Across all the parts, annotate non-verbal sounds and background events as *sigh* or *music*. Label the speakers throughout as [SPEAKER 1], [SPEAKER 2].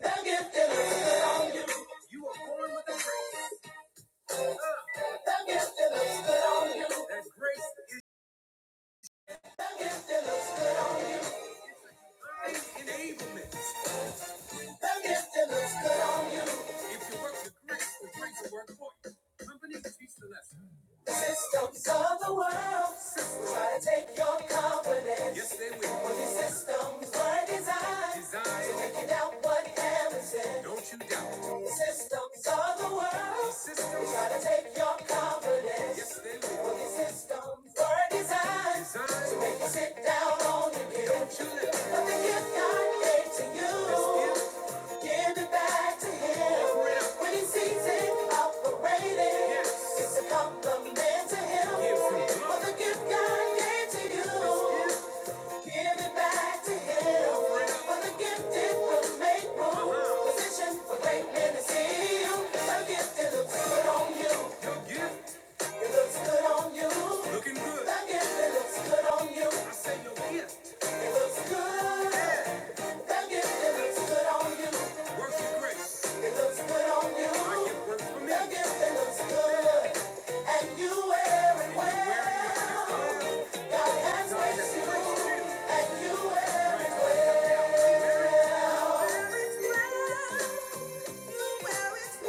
[SPEAKER 1] You are born with a grace. That gift that looks good on you. That grace That gift that looks good on you. Divine enablement. And yes, it looks good on you. If you work with grace, the grace will work for you. Company teach the lesson. The systems of the world try to take your confidence. Yes, they will. But these systems were designed, designed to make you doubt what heaven said. Don't you doubt. The systems of the world try to take your confidence. Yes, they will. But these systems were designed, designed to make you sit down on your gift. Don't you let. But the gift God gave to you. Give it back to him when he sees it operating. It's a compliment to him for the gift God gave to you. Give it back to him for the gift it will make room. Position for greatness is in you. The gift it looks good on you. It looks good on you. The gift it looks good on you. It looks good you. It looks good on you. It looks good on you. Like it looks good. And you wear it well. And well. God has graced you. And you wear it well. Wear it well. wear it well.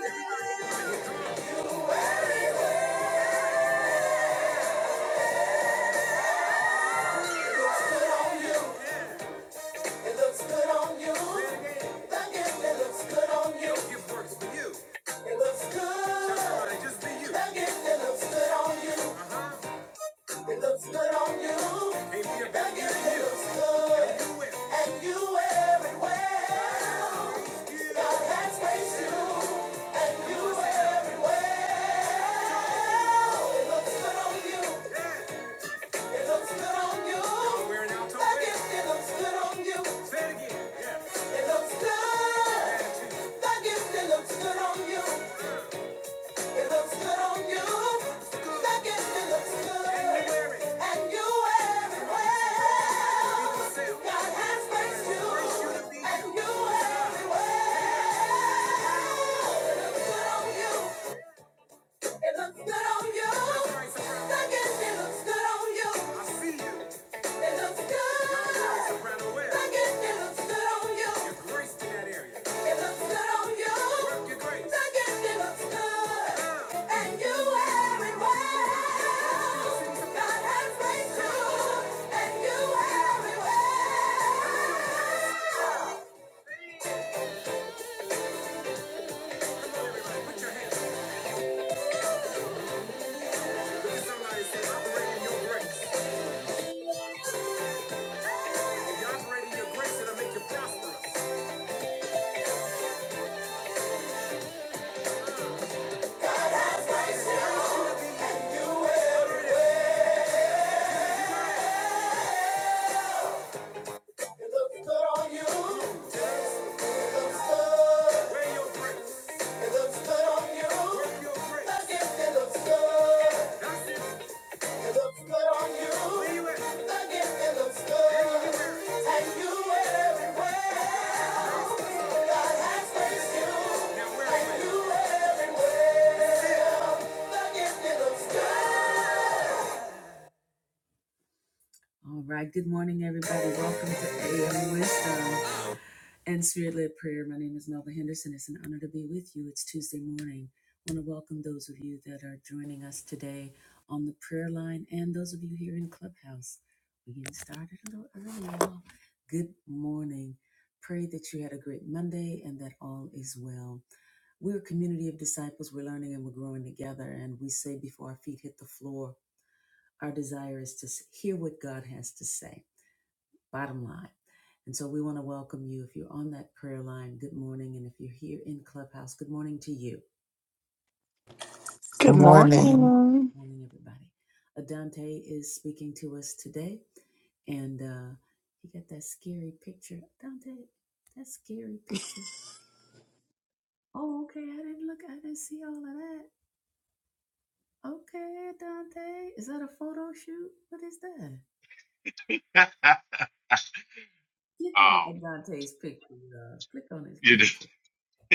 [SPEAKER 1] well. well. good on you. It looks good on you. Thank you. It looks good on you. It works for you. It looks good. Somebody just be you. Thank you. It looks good on you. Uh-huh. It looks good on you. Can't be a better Thank you. It you. looks good. And you win. And you everywhere. God has placed you. And you everywhere. It looks good on you. It looks good on you. That gift, it looks good on you. Say again. Yeah. It looks good. That gift, it looks good on you. It looks good on you. That gift, it looks good. And you wear it. And you wear well. you. And you wear well. looks good on you. It looks good on you. I guess it looks good on you. I see you. It looks good. I guess it looks good on you. You're graced in that area. It looks good on you. Work your grace. I guess it looks good. Yeah. And you wear it well. God has graced you. And you wear it well. Come on, everybody, Put your hands up. Look at somebody and say, "I'm wearing your grace." If God's grace, it'll make you prosperous. It looks good on you. It looks good. Wear your grace. It looks good on you. Wear it looks good. it. looks good on you. When it. looks good. And you wear All right. Good morning, everybody. Welcome to AM Wisdom and Spirit Led Prayer. My name is Melva Henderson. It's an honor to be with you. It's Tuesday morning. I want to welcome those of you that are joining us today on the prayer line and those of you here in Clubhouse. We're getting started a little early, y'all. Good morning. Pray that you had a great Monday and that all is well. We're a community of disciples. We're learning and we're growing together. And we say before our feet hit the floor, our desire is to s- hear what God has to say, bottom line. And so we want to welcome you. If you're on that prayer line, good morning. And if you're here in Clubhouse, good morning to you.
[SPEAKER 2] Good
[SPEAKER 3] Good morning.
[SPEAKER 2] morning.
[SPEAKER 1] Morning, everybody. Adante is speaking to us today. And uh, he got that scary picture. Dante, that scary picture. Oh, okay. I didn't look, I didn't see all of that. Okay, Dante. Is that a photo shoot? What is that?
[SPEAKER 4] *laughs* um,
[SPEAKER 1] Click on Dante's picture. Uh, click on his
[SPEAKER 4] you know,
[SPEAKER 1] picture.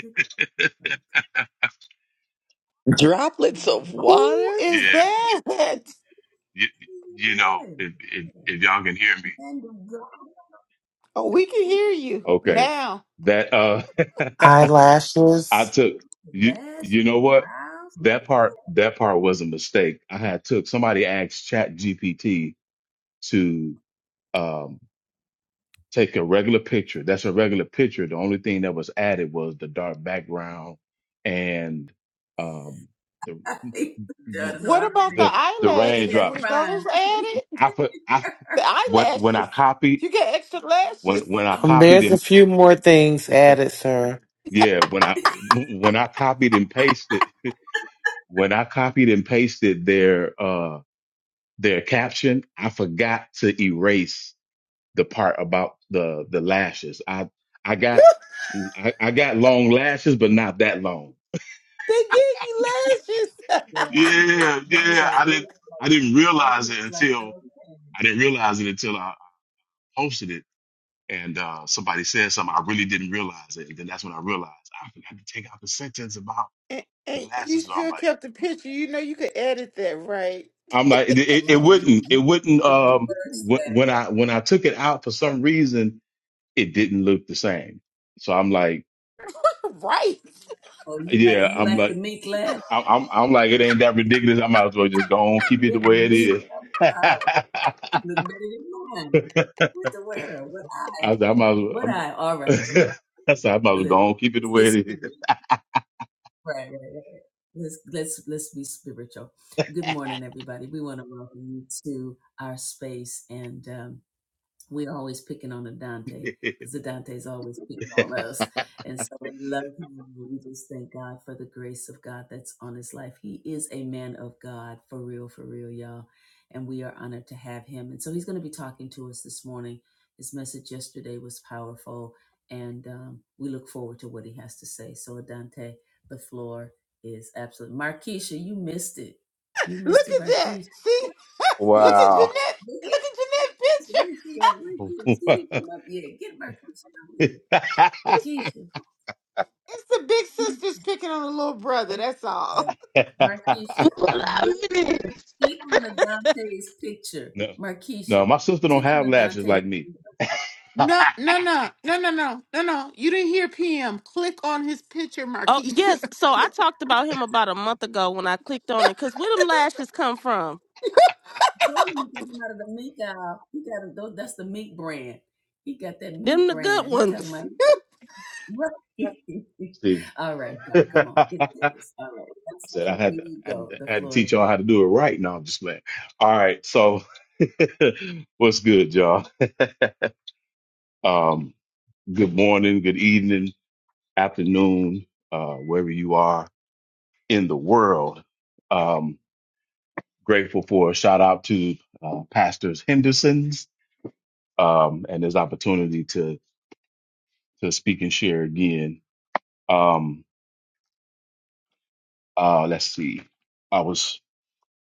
[SPEAKER 1] Click on his profile picture.
[SPEAKER 4] *laughs*
[SPEAKER 1] What
[SPEAKER 5] Droplets of
[SPEAKER 2] Who
[SPEAKER 5] water?
[SPEAKER 2] is
[SPEAKER 4] yeah,
[SPEAKER 2] that?
[SPEAKER 4] you,
[SPEAKER 1] are you
[SPEAKER 4] you know,
[SPEAKER 1] doing?
[SPEAKER 4] if, if,
[SPEAKER 1] Yeah.
[SPEAKER 4] if y'all can hear me,
[SPEAKER 1] Man, the God.
[SPEAKER 2] Oh, we can
[SPEAKER 1] With
[SPEAKER 2] hear
[SPEAKER 1] your
[SPEAKER 2] you
[SPEAKER 4] okay,
[SPEAKER 2] now.
[SPEAKER 4] that uh, *laughs* I
[SPEAKER 3] Eyelashes.
[SPEAKER 4] took you. You
[SPEAKER 1] lashes,
[SPEAKER 4] know what?
[SPEAKER 1] brows, look
[SPEAKER 4] That
[SPEAKER 1] at
[SPEAKER 4] part,
[SPEAKER 1] that.
[SPEAKER 4] that part was a mistake. I had took somebody asked Chat GPT to um take a regular picture. That's a regular picture. The only thing that was added was the dark background and um the
[SPEAKER 1] *laughs* I
[SPEAKER 2] wh-
[SPEAKER 1] don't know. I
[SPEAKER 2] What about the
[SPEAKER 1] really, really,
[SPEAKER 4] the the
[SPEAKER 2] eyelashes?
[SPEAKER 1] that's
[SPEAKER 2] Were
[SPEAKER 4] raindrops.
[SPEAKER 1] fine.
[SPEAKER 2] those
[SPEAKER 1] That's really,
[SPEAKER 2] added?
[SPEAKER 4] I put I
[SPEAKER 2] The
[SPEAKER 4] when when I
[SPEAKER 2] eyelashes.
[SPEAKER 4] copied
[SPEAKER 2] You get extra
[SPEAKER 4] when
[SPEAKER 2] lashes.
[SPEAKER 4] when I
[SPEAKER 2] *laughs*
[SPEAKER 3] Um,
[SPEAKER 4] copied
[SPEAKER 3] there's a
[SPEAKER 4] and
[SPEAKER 3] few more things added, sir.
[SPEAKER 4] yeah when I when I copied and pasted when I copied and pasted their uh their caption, I forgot to erase the part about the the lashes. I I got I, I got long lashes, but not that long.
[SPEAKER 2] They give you lashes. *laughs*
[SPEAKER 1] yeah. I'm like,
[SPEAKER 4] Yeah,
[SPEAKER 1] those
[SPEAKER 4] yeah.
[SPEAKER 1] are
[SPEAKER 4] I
[SPEAKER 1] very,
[SPEAKER 4] didn't I
[SPEAKER 1] like,
[SPEAKER 4] didn't
[SPEAKER 1] that
[SPEAKER 4] realize
[SPEAKER 1] is
[SPEAKER 4] it
[SPEAKER 1] like the,
[SPEAKER 4] until I didn't realize it until I I posted it. and uh, somebody said something, I really didn't realize it. And then that's when I realized I forgot to take out the sentence about
[SPEAKER 2] And,
[SPEAKER 4] the
[SPEAKER 2] and
[SPEAKER 4] last.
[SPEAKER 2] you
[SPEAKER 4] So I'm
[SPEAKER 2] still
[SPEAKER 4] like,
[SPEAKER 2] kept the picture. You know you could edit that, right?
[SPEAKER 4] I'm like, it, it, it
[SPEAKER 1] right. You
[SPEAKER 4] wouldn't,
[SPEAKER 1] can,
[SPEAKER 4] it
[SPEAKER 1] you
[SPEAKER 4] wouldn't.
[SPEAKER 1] can,
[SPEAKER 4] Um,
[SPEAKER 1] reverse
[SPEAKER 4] wh- when I when I took it out for some reason, it didn't look the same. So I'm like,
[SPEAKER 2] *laughs* Right.
[SPEAKER 1] Oh, you like
[SPEAKER 4] yeah,
[SPEAKER 1] you
[SPEAKER 4] I'm
[SPEAKER 1] like the
[SPEAKER 4] like,
[SPEAKER 1] meek lad?
[SPEAKER 4] I'm I'm, I'm like, it ain't that ridiculous. I might as well just go on, keep it
[SPEAKER 1] The
[SPEAKER 4] the way it
[SPEAKER 1] meek
[SPEAKER 4] is. *laughs*
[SPEAKER 1] uh, look better than man with the world. What I
[SPEAKER 4] I was, like, I might as well.
[SPEAKER 1] what
[SPEAKER 4] I'm,
[SPEAKER 1] I all right. Tom.
[SPEAKER 4] *laughs* I said, I might as well
[SPEAKER 1] Let-
[SPEAKER 4] go on, keep it the
[SPEAKER 1] Let's get
[SPEAKER 4] way
[SPEAKER 1] spiritual. Right, right, right. right. Let's let's let's be spiritual. Good morning, everybody. We want to welcome you to our space, and um, We're always picking on Adante
[SPEAKER 4] it
[SPEAKER 1] because Adante's always picking *laughs*
[SPEAKER 4] is.
[SPEAKER 1] on us. And so we love him. We just thank God for the grace of God that's on his life. He is a man of God, for real, for real, y'all. And we are honored to have him. And so he's going to be talking to us this morning. His message yesterday was powerful, and um, we look forward to what he has to say. So, Adante, the floor is absolute. Markeisha, you missed it. You
[SPEAKER 2] Look
[SPEAKER 1] missed it,
[SPEAKER 2] at that.
[SPEAKER 1] Markeisha.
[SPEAKER 2] See?
[SPEAKER 4] *laughs*
[SPEAKER 2] *laughs* Look
[SPEAKER 1] Markeisha.
[SPEAKER 2] at
[SPEAKER 4] wow.
[SPEAKER 2] Jeanette.
[SPEAKER 1] look
[SPEAKER 2] Look at Jeanette's
[SPEAKER 1] so
[SPEAKER 2] picture.
[SPEAKER 1] where's she at? Where's she at? She didn't come up yet. Get Marquisha out here.
[SPEAKER 4] *laughs*
[SPEAKER 2] It's
[SPEAKER 1] Keisha.
[SPEAKER 2] it's the big sister's picking on the little brother.
[SPEAKER 4] *laughs*
[SPEAKER 2] That's all.
[SPEAKER 1] Uh, Marquisha.
[SPEAKER 6] Well, I
[SPEAKER 1] Look-
[SPEAKER 6] mean,
[SPEAKER 1] Click on Adante's picture.
[SPEAKER 4] no, no,
[SPEAKER 1] Marquisha.
[SPEAKER 4] my sister don't
[SPEAKER 1] Click on
[SPEAKER 4] have lashes
[SPEAKER 1] Adante's
[SPEAKER 4] like me.
[SPEAKER 1] picture.
[SPEAKER 2] No, no, no, no, no, no, no, no. You didn't hear PM. Click on his picture,
[SPEAKER 6] Oh
[SPEAKER 2] Markeisha.
[SPEAKER 6] yes,
[SPEAKER 2] *laughs*
[SPEAKER 6] so I talked about him about a month ago when I clicked on it. Cause where them lashes come from?
[SPEAKER 1] I told him he got him out of the mink aisle. He got a, tho- that's the mink brand. He got that mink
[SPEAKER 6] Them the good
[SPEAKER 1] brand. He talking
[SPEAKER 6] ones.
[SPEAKER 1] about what? *laughs*
[SPEAKER 4] See,
[SPEAKER 1] All right,
[SPEAKER 4] *laughs* I
[SPEAKER 1] y'all, come on, get this. All right, that's
[SPEAKER 4] said I had
[SPEAKER 1] Here
[SPEAKER 4] to,
[SPEAKER 1] you
[SPEAKER 4] I had
[SPEAKER 1] go.
[SPEAKER 4] to,
[SPEAKER 1] The
[SPEAKER 4] I had to
[SPEAKER 1] floor.
[SPEAKER 4] teach y'all how to do it right. Now I'm just playing. All right, so *laughs* what's good, y'all? Um, good morning, good evening, afternoon, uh, wherever you are in the world. Um, grateful for a shout out to uh, pastors Henderson's um, and his opportunity to to speak and share again. Um, Uh, let's see. I was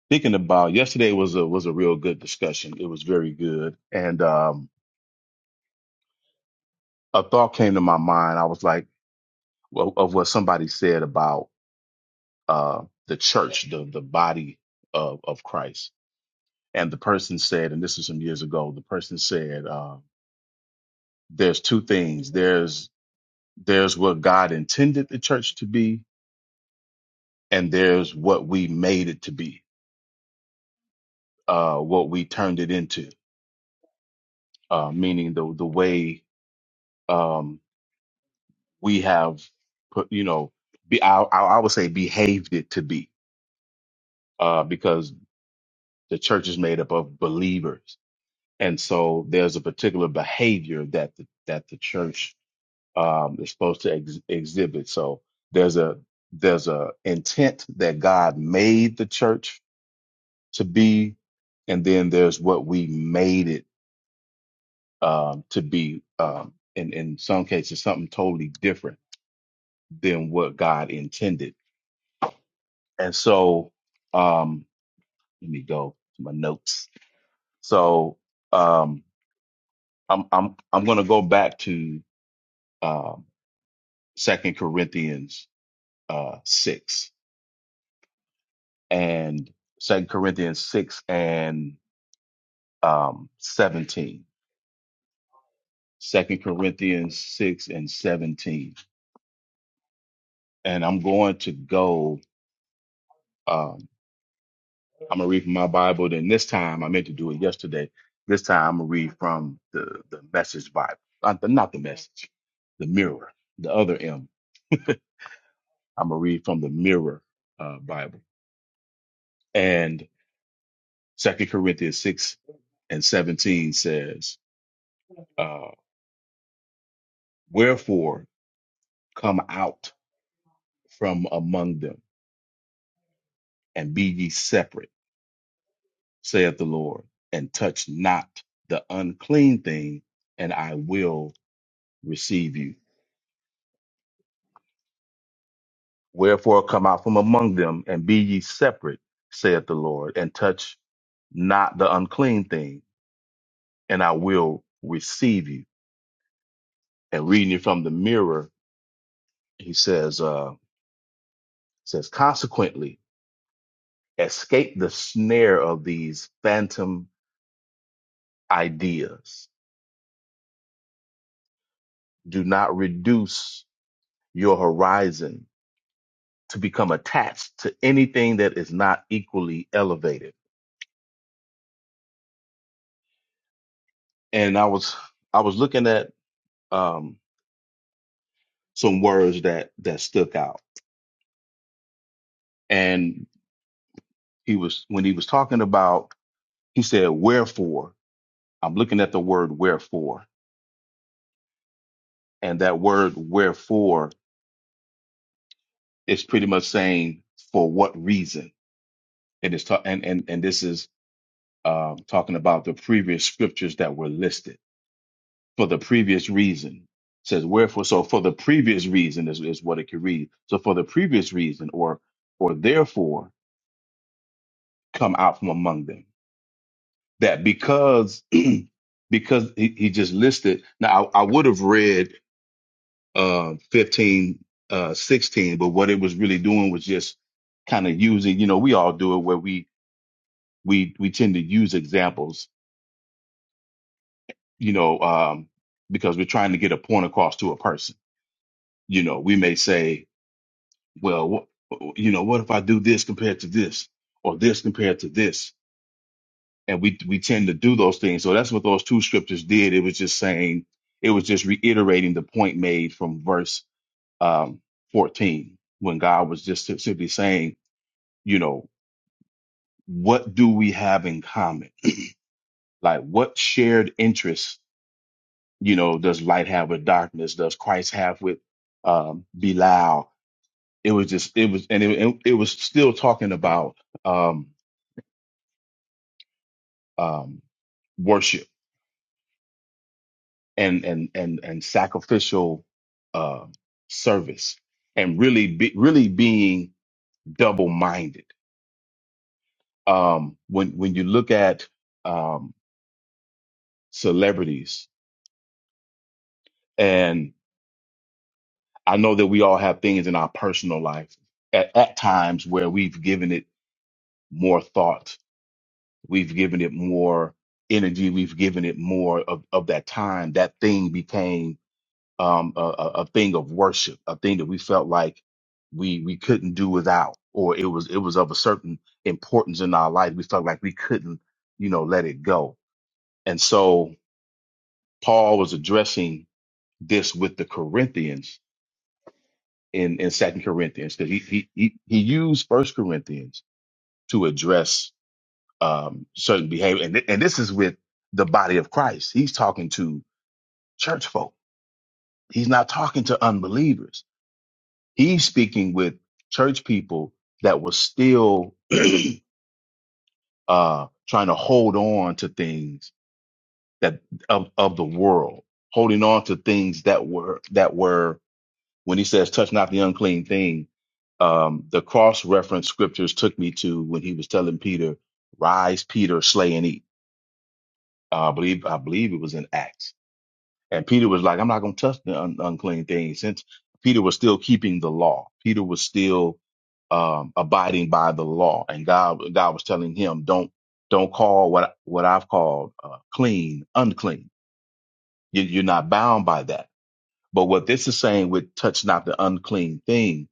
[SPEAKER 4] thinking about yesterday was a was a real good discussion. It was very good, and um, a thought came to my mind. I was like, well, of what somebody said about uh, the church, the the body of of Christ, and the person said, and this was some years ago. The person said, uh, "There's two things. There's there's what God intended the church to be, and there's what we made it to be, uh, what we turned it into, uh, meaning the the way." Um, we have put, you know, be, I, I I would say behaved it to be, uh, because the church is made up of believers. And so there's a particular behavior that the, that the church, um, is supposed to ex- exhibit. So there's a, there's a intent that God made the church to be. And then there's what we made it, um, to be, um, in, in some cases, something totally different than what God intended And so, um, let me go to my notes. So, um, I'm I'm I'm going to go back to um, Second Corinthians uh, six and Second Corinthians six and um, seventeen. Second Corinthians six and seventeen, and I'm going to go. um, I'm gonna read from my Bible. Then this time I meant to do it yesterday. This time I'm gonna read from the the Message Bible, not the, not the Message, the Mirror, the other M. I'm gonna read from the Mirror uh, Bible. And Second Corinthians six and seventeen says, uh, "Wherefore come out from among them and be ye separate, saith the Lord, and touch not the unclean thing, and I will receive you." Wherefore come out from among them and be ye separate, saith the Lord, and touch not the unclean thing, and I will receive you. And reading it from the mirror, he says, uh, says, consequently, escape the snare of these phantom ideas. Do not reduce your horizon to become attached to anything that is not equally elevated. And I was I was looking at um, some words that that stuck out and he was when he was talking about he said wherefore i'm looking at the word wherefore and that word wherefore is pretty much saying for what reason and it's ta- and and, and this is um, talking about the previous scriptures that were listed for the previous reason It says wherefore so for the previous reason is, is what it could read so for the previous reason or or therefore come out from among them that because *clears throat* because he, he just listed now i, I would have read uh 15 uh 16 but what it was really doing was just kind of using you know we all do it where we we we tend to use examples you know um because we're trying to get a point across to a person you know we may say well wh- you know what if i do this compared to this or this compared to this and we we tend to do those things. So that's what those two scriptures did. It was just saying, it was just reiterating the point made from verse um, 14 when God was just si-, simply saying, you know, what do we have in common? Like, what shared interests, you know, does light have with darkness? Does Christ have with um, Belial? It was just, it was, and it, it was still talking about um, um, worship and and and and sacrificial uh, service, and really be, really being double minded. Um, when when you look at um, celebrities, and I know that we all have things in our personal life at, at times where we've given it more thought, we've given it more energy, we've given it more of, of that time. That thing became um, a, a a thing of worship, a thing that we felt like we we couldn't do without, or it was it was of a certain importance in our life. We felt like we couldn't, you know, let it go. And so Paul was addressing this with the Corinthians in in Second Corinthians because he, he he he used First Corinthians to address um, certain behavior, and th- and this is with the body of Christ. He's talking to church folk. He's not talking to unbelievers. He's speaking with church people that were still *clears throat* uh, trying to hold on to things that of, of the world, holding on to things that were that were when he says touch not the unclean thing. Um, the cross reference scriptures took me to when he was telling Peter, "Rise, Peter, slay and eat." Uh, I believe I believe it was in Acts And Peter was like, I'm not going to touch the un- unclean thing. Since Peter was still keeping the law, Peter was still um, abiding by the law, and God God was telling him, don't don't call what what I've called uh, clean unclean. You, you're not bound by that. But what this is saying with touch not the unclean thing,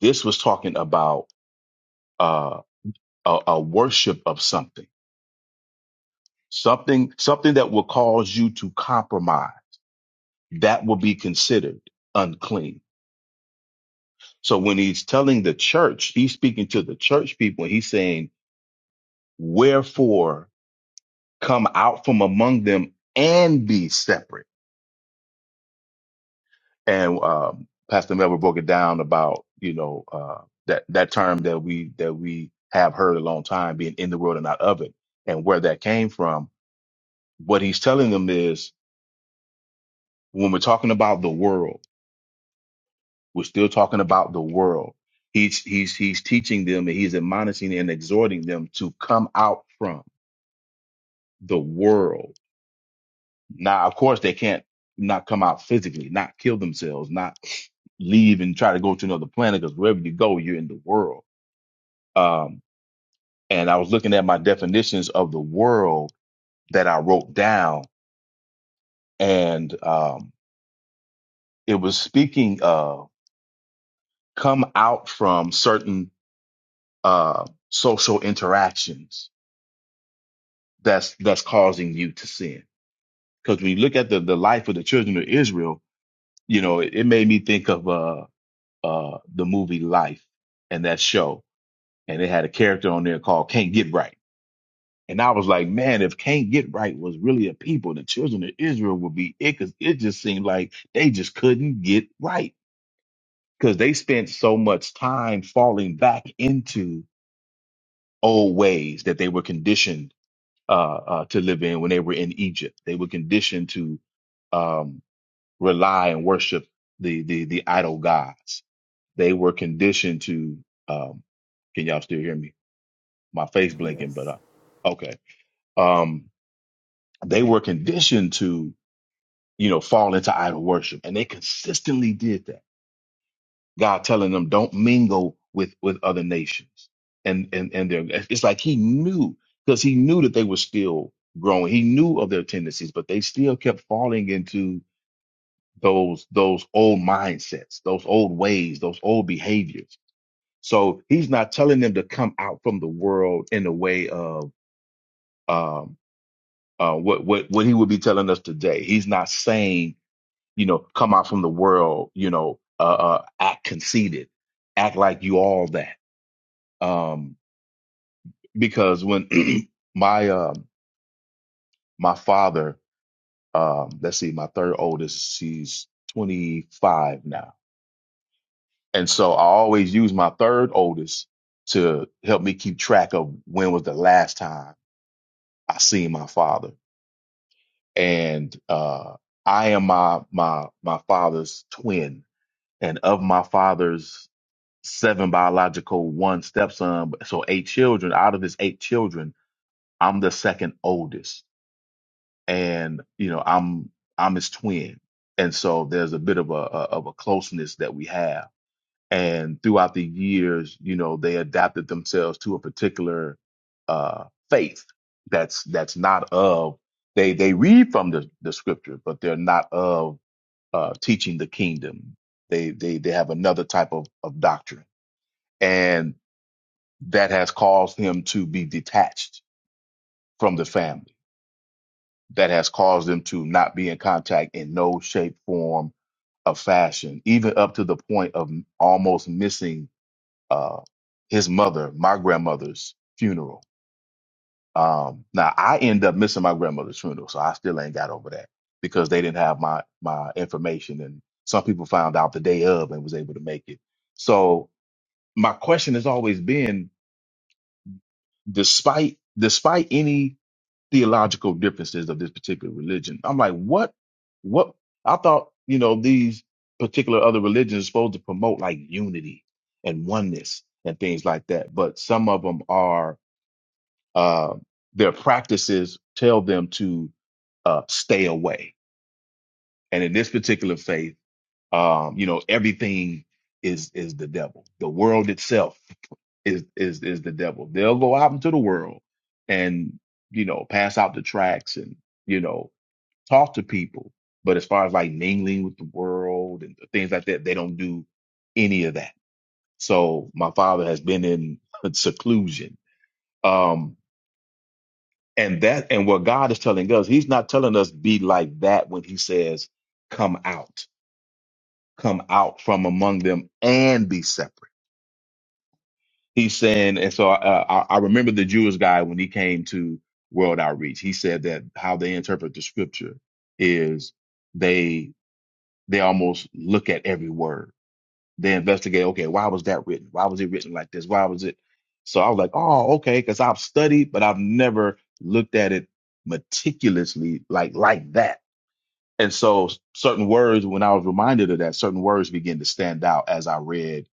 [SPEAKER 4] this was talking about uh, a, a worship of something, something something that will cause you to compromise. That will be considered unclean So when he's telling the church, he's speaking to the church people. He's saying, "Wherefore come out from among them and be separate." And um, Pastor Melvin broke it down about you know uh, that that term that we that we have heard a long time being in the world and not of it, and where that came from. What he's telling them is when we're talking about the world, we're still talking about the world. He's he's he's teaching them and he's admonishing and exhorting them to come out from. the world. Now, of course, they can't not come out physically, not kill themselves, not leave and try to go to another planet because wherever you go, you're in the world. Um, and I was looking at my definitions of the world that I wrote down, and um, it was speaking of come out from certain uh, social interactions that's that's causing you to sin. Because when you look at the, the life of the children of Israel, you know, it, it made me think of. uh, uh, the movie Life and that show, and it had a character on there called Can't Get Right. And I was like, man, if Can't Get Right was really a people, the children of Israel would be it because it just seemed like they just couldn't get right because they spent so much time falling back into old ways that they were conditioned uh, uh, to live in when they were in Egypt. They were conditioned to um, rely and worship the the the idol gods They were conditioned to. Um, can y'all still hear me? My face blinking, but
[SPEAKER 2] Yes.
[SPEAKER 4] uh, okay. Um, they were conditioned to, you know, fall into idol worship, and they consistently did that. God telling them, "Don't mingle with with other nations," and and and they're, it's like He knew because He knew that they were still growing. He knew of their tendencies, but they still kept falling into those those old mindsets, those old ways, those old behaviors So he's not telling them to come out from the world in the way of um, uh, what what what he would be telling us today. He's not saying you know come out from the world. You know, uh, uh, act conceited, act like you all that. Um, because when *clears throat* my um my father, um, let's see, my third oldest, she's twenty five now, and so I always use my third oldest to help me keep track of when was the last time I seen my father and uh, I am my my my father's twin, and of my father's seven biological one stepson, so eight children. Out of his eight children, I'm the second oldest, and you know I'm I'm his twin, and so there's a bit of a, a of a closeness that we have and throughout the years, you know, they adapted themselves to a particular uh, faith that's that's not of they they read from the, the scripture, but they're not of uh, teaching the kingdom. They they they have another type of, of doctrine, and that has caused him to be detached from the family. That has caused them to not be in contact in no shape, form, of fashion, even up to the point of almost missing uh, his mother, my grandmother's funeral. Um, now I end up missing my grandmother's funeral, so I still ain't got over that because they didn't have my my information, and some people found out the day of and was able to make it. So my question has always been, despite despite any theological differences of this particular religion. I'm like, what? What? I thought, you know, these particular other religions are supposed to promote like unity and oneness and things like that. But some of them are, uh, their practices tell them to uh, stay away. And in this particular faith, um, you know, everything is is the devil. The world itself is is is the devil. They'll go out into the world and you know pass out the tracts and you know talk to people. But as far as like mingling with the world and things like that, they don't do any of that. So my father has been in *laughs* seclusion. Um, and that, and what God is telling us, he's not telling us be like that when he says, come out, come out from among them and be separate. He's saying, and so uh, uh, I, I remember the Jewish guy when he came to World Outreach, he said that how they interpret the scripture is they, they almost look at every word They investigate, okay, why was that written? Why was it written like this? Why was it? So I was like, oh, okay, because I've studied, but I've never looked at it meticulously like like that. And so certain words, when I was reminded of that, certain words began to stand out as I read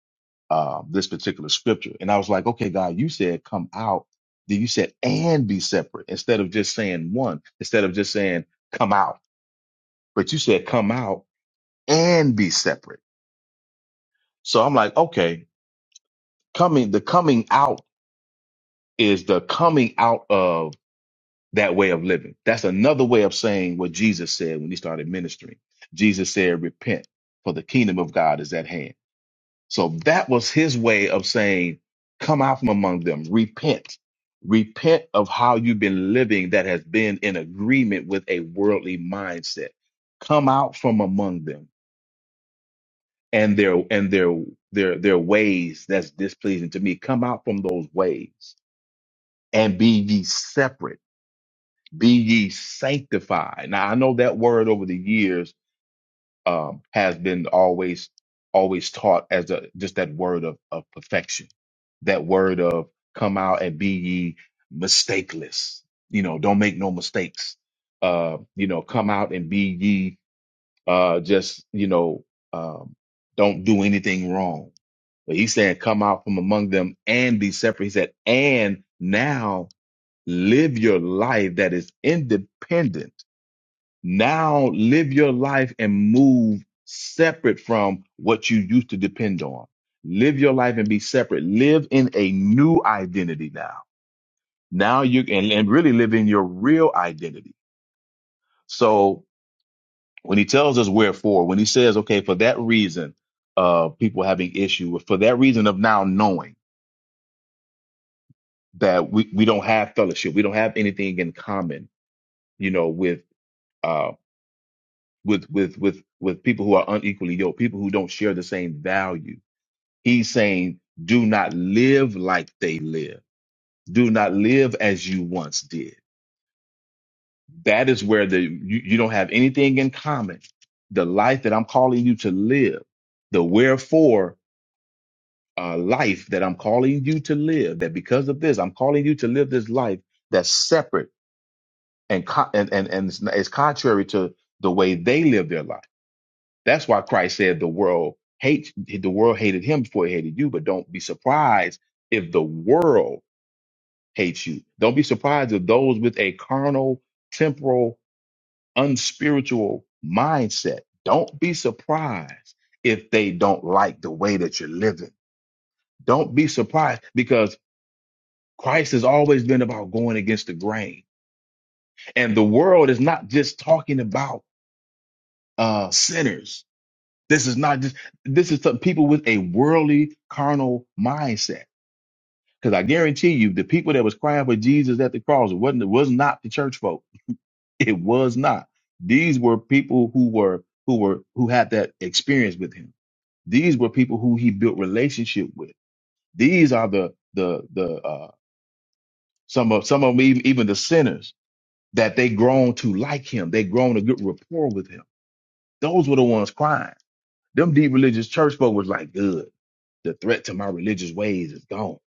[SPEAKER 4] uh, this particular scripture. And I was like, okay, God, you said come out. Then you said and be separate instead of just saying one, instead of just saying come out. But you said come out and be separate. So I'm like, okay, coming the coming out is the coming out of that way of living. That's another way of saying what Jesus said when he started ministering. Jesus said, Repent, for the kingdom of God is at hand. So that was his way of saying, Come out from among them, repent. Repent of how you've been living that has been in agreement with a worldly mindset. Come out from among them and their and their their their ways that's displeasing to me. Come out from those ways and be ye separate be ye sanctified. Now I know that word over the years um, has been always always taught as a just that word of, of perfection, that word of come out and be ye mistakeless. You know, don't make no mistakes. Uh, you know, come out and be ye uh, just you know um, don't do anything wrong. But he's saying, come out from among them and be separate. He said, and now live your life that is independent now live your life and move separate from what you used to depend on. Live your life and be separate. Live in a new identity now. Now you can and really live in your real identity. So when he tells us wherefore, when he says, okay, for that reason, uh, people having issue with, for that reason of now knowing that we, we don't have fellowship, we don't have anything in common, you know, with, uh, with, with, with, with people who are unequally yoked, people who don't share the same values He's saying, do not live like they live. Do not live as you once did. That is where the you, you don't have anything in common. The life that I'm calling you to live, the wherefore uh, life that I'm calling you to live, that because of this, I'm calling you to live this life that's separate and co- and and, and it's, it's contrary to the way they live their life. That's why Christ said the world hates the world hated him before it hated you, but don't be surprised if the world hates you. Don't be surprised if those with a carnal, temporal, unspiritual mindset, don't be surprised if they don't like the way that you're living. Don't be surprised because Christ has always been about going against the grain. And the world is not just talking about uh, sinners. This is not just, this is some people with a worldly, carnal mindset. Because I guarantee you, the people that was crying for Jesus at the cross it wasn't, it was not the church folk It was not. These were people who were who were who had that experience with him. These were people who he built relationship with. These are the the the uh, some of some of them even, even the sinners that they grown to like him. They grown a good rapport with him. Those were the ones crying. Them deep religious church folk was like, good. The threat to my religious ways is gone.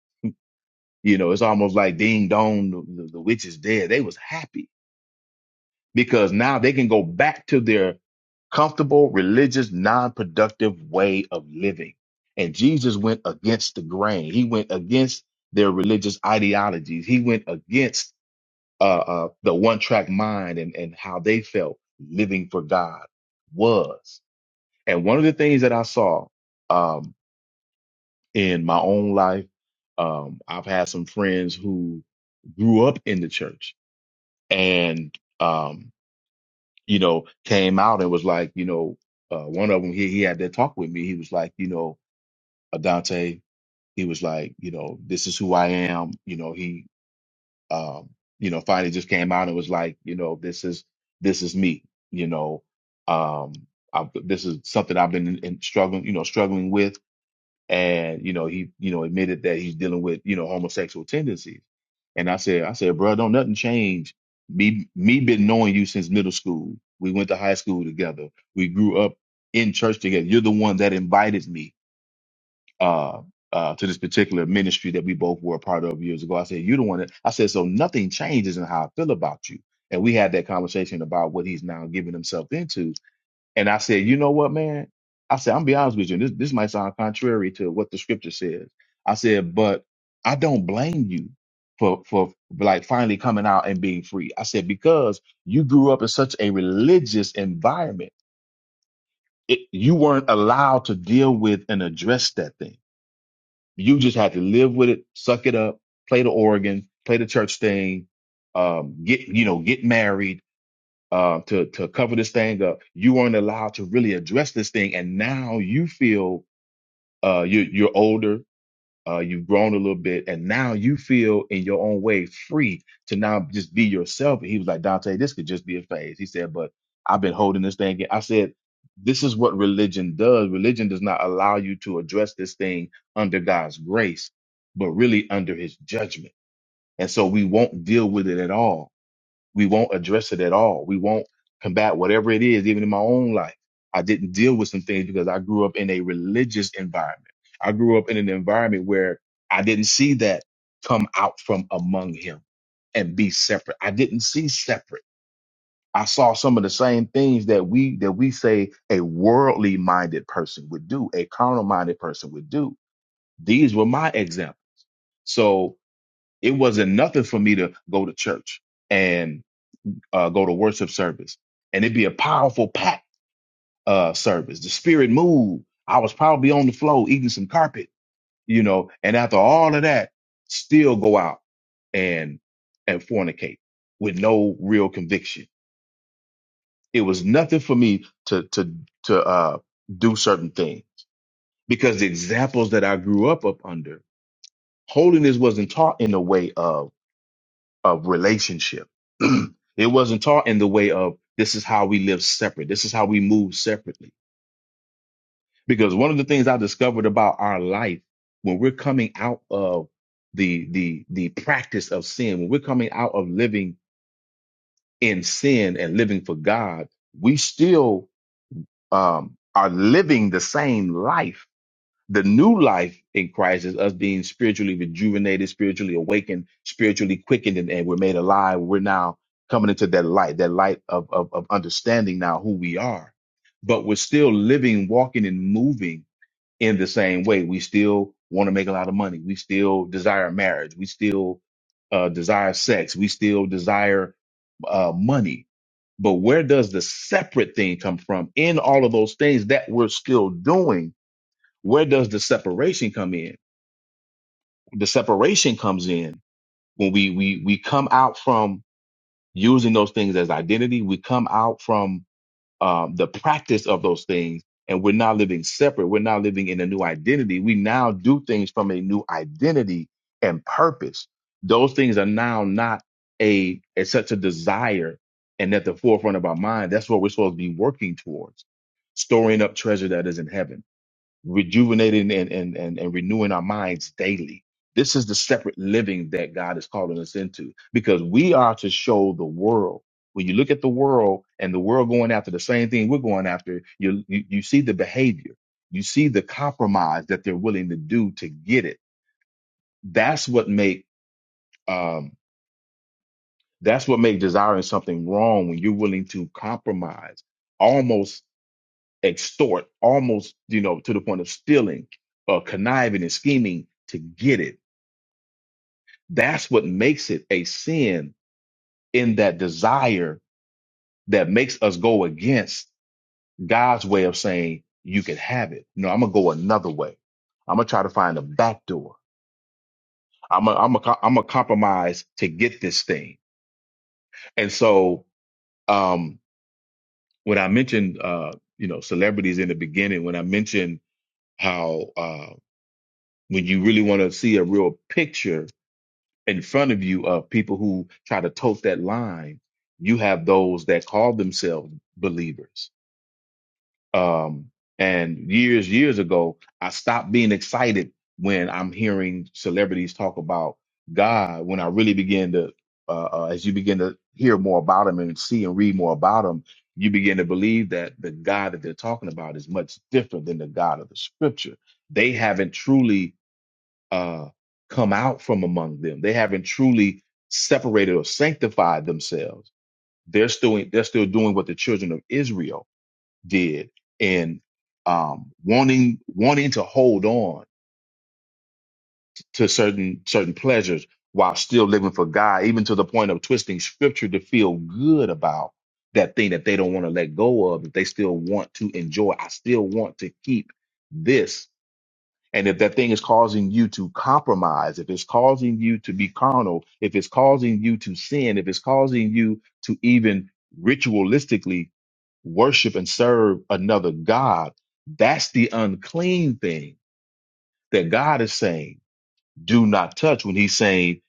[SPEAKER 4] You know, it's almost like ding dong, the, the, the witch is dead. They was happy because now they can go back to their comfortable, religious, non productive way of living. And Jesus went against the grain. He went against their religious ideologies. He went against uh, uh, the one track mind and, and how they felt living for God was. And one of the things that I saw um, in my own life, um, I've had some friends who grew up in the church and um, you know, came out and was like, you know, uh, one of them, he, he had that talk with me. He was like, you know, Adante, he was like, you know, this is who I am. You know, he, um, you know, finally just came out and was like, you know, this is, this is me, you know, um, I, this is something I've been in, in struggling, you know, struggling with and you know he you know admitted that he's dealing with you know homosexual tendencies and i said i said bro don't nothing change me me been knowing you since middle school we went to high school together we grew up in church together you're the one that invited me uh uh, to this particular ministry that we both were a part of years ago, I said you're the one. That, I said so nothing changes in how I feel about you, and we had that conversation about what he's now giving himself into and I said, you know what, man? I said, I'm gonna be honest with you. This this might sound contrary to what the scripture says. I said, but I don't blame you for for like finally coming out and being free. I said, because you grew up in such a religious environment. It, you weren't allowed to deal with and address that thing. You just had to live with it, suck it up, play the organ, play the church thing, um, get you know, get married, uh, to to cover this thing up. You weren't allowed to really address this thing, and now you feel uh, you you're older, uh, you've grown a little bit, and now you feel in your own way free to now just be yourself. And he was like, Dante, this could just be a phase. He said, but I've been holding this thing. in." I said, this is what religion does. Religion does not allow you to address this thing under God's grace, but really under His judgment. And so we won't deal with it at all we won't address it at all. We won't combat whatever it is, even in my own life. I didn't deal with some things because I grew up in a religious environment. I grew up in an environment where I didn't see that come out from among him and be separate. I didn't see separate. I saw some of the same things that we that we say a worldly minded person would do, a carnal minded person would do. These were my examples. So it wasn't nothing for me to go to church uh, go to worship service, and it'd be a powerful packed uh, service. The spirit moved. I was probably on the floor eating some carpet, you know. And after all of that, still go out and and fornicate with no real conviction. It was nothing for me to to to uh, do certain things because the examples that I grew up up under holiness wasn't taught in a way of of relationship. *clears throat* it wasn't taught in the way of this is how we live separate. This is how we move separately. Because one of the things I discovered about our life when we're coming out of the the the practice of sin, when we're coming out of living in sin and living for God, we still um, are living the same life The new life in Christ is us being spiritually rejuvenated, spiritually awakened, spiritually quickened, and, and we're made alive. We're now coming into that light, that light of, of, of understanding now who we are. But we're still living, walking, and moving in the same way. We still want to make a lot of money. We still desire marriage. We still uh, desire sex. We still desire uh, money. But where does the separate thing come from? In all of those things that we're still doing, where does the separation come in? The separation comes in when we we we come out from using those things as identity. We come out from um, the practice of those things, and we're not living separate. We're not living in a new identity. We now do things from a new identity and purpose. Those things are now not a, a such a desire and at the forefront of our mind. That's what we're supposed to be working towards, storing up treasure that is in heaven rejuvenating and, and, and, and renewing our minds daily. This is the separate living that God is calling us into because we are to show the world. When you look at the world and the world going after the same thing we're going after, you, you, you see the behavior, you see the compromise that they're willing to do to get it. That's what make um, that's what make desiring something wrong when you're willing to compromise, almost extort almost you know to the point of stealing or conniving and scheming to get it that's what makes it a sin in that desire that makes us go against god's way of saying you can have it no i'm gonna go another way i'm gonna try to find a back door i'm gonna i'm gonna I'm gonna compromise to get this thing and so um when i mentioned uh you know celebrities in the beginning when i mentioned how uh when you really want to see a real picture in front of you of people who try to tote that line, you have those that call themselves believers. Um, and years, years ago, I stopped being excited when I'm hearing celebrities talk about God. When I really begin to, uh, uh, as you begin to hear more about Him and see and read more about Him, you begin to believe that the God that they're talking about is much different than the God of the Scripture. They haven't truly uh, come out from among them. They haven't truly separated or sanctified themselves. They're still they're still doing what the children of Israel did and um, wanting wanting to hold on to certain certain pleasures while still living for God, even to the point of twisting scripture to feel good about that thing that they don't want to let go of, that they still want to enjoy. I still want to keep this and if that thing is causing you to compromise, if it's causing you to be carnal, if it's causing you to sin, if it's causing you to even ritualistically worship and serve another God, that's the unclean thing that God is saying, do not touch when he's saying,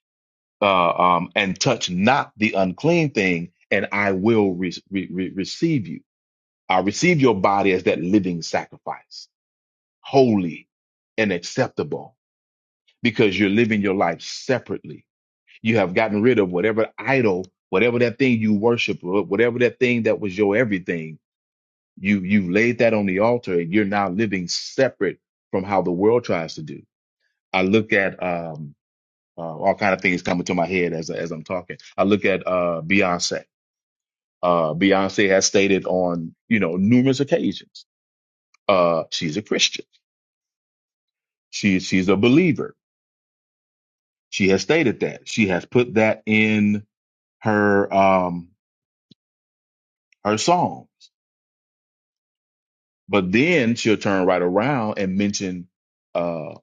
[SPEAKER 4] uh, um, and touch not the unclean thing, and I will re- re- re- receive you. I receive your body as that living sacrifice, holy and acceptable because you're living your life separately. You have gotten rid of whatever idol, whatever that thing you worship, or whatever that thing that was your everything. You you've laid that on the altar, and you're now living separate from how the world tries to do. I look at um, uh, all kind of things coming to my head as as I'm talking. I look at uh, Beyonce. Uh, Beyonce has stated on you know numerous occasions uh, she's a Christian. She she's a believer. She has stated that. She has put that in her. Um, her song. But then she'll turn right around and mention uh,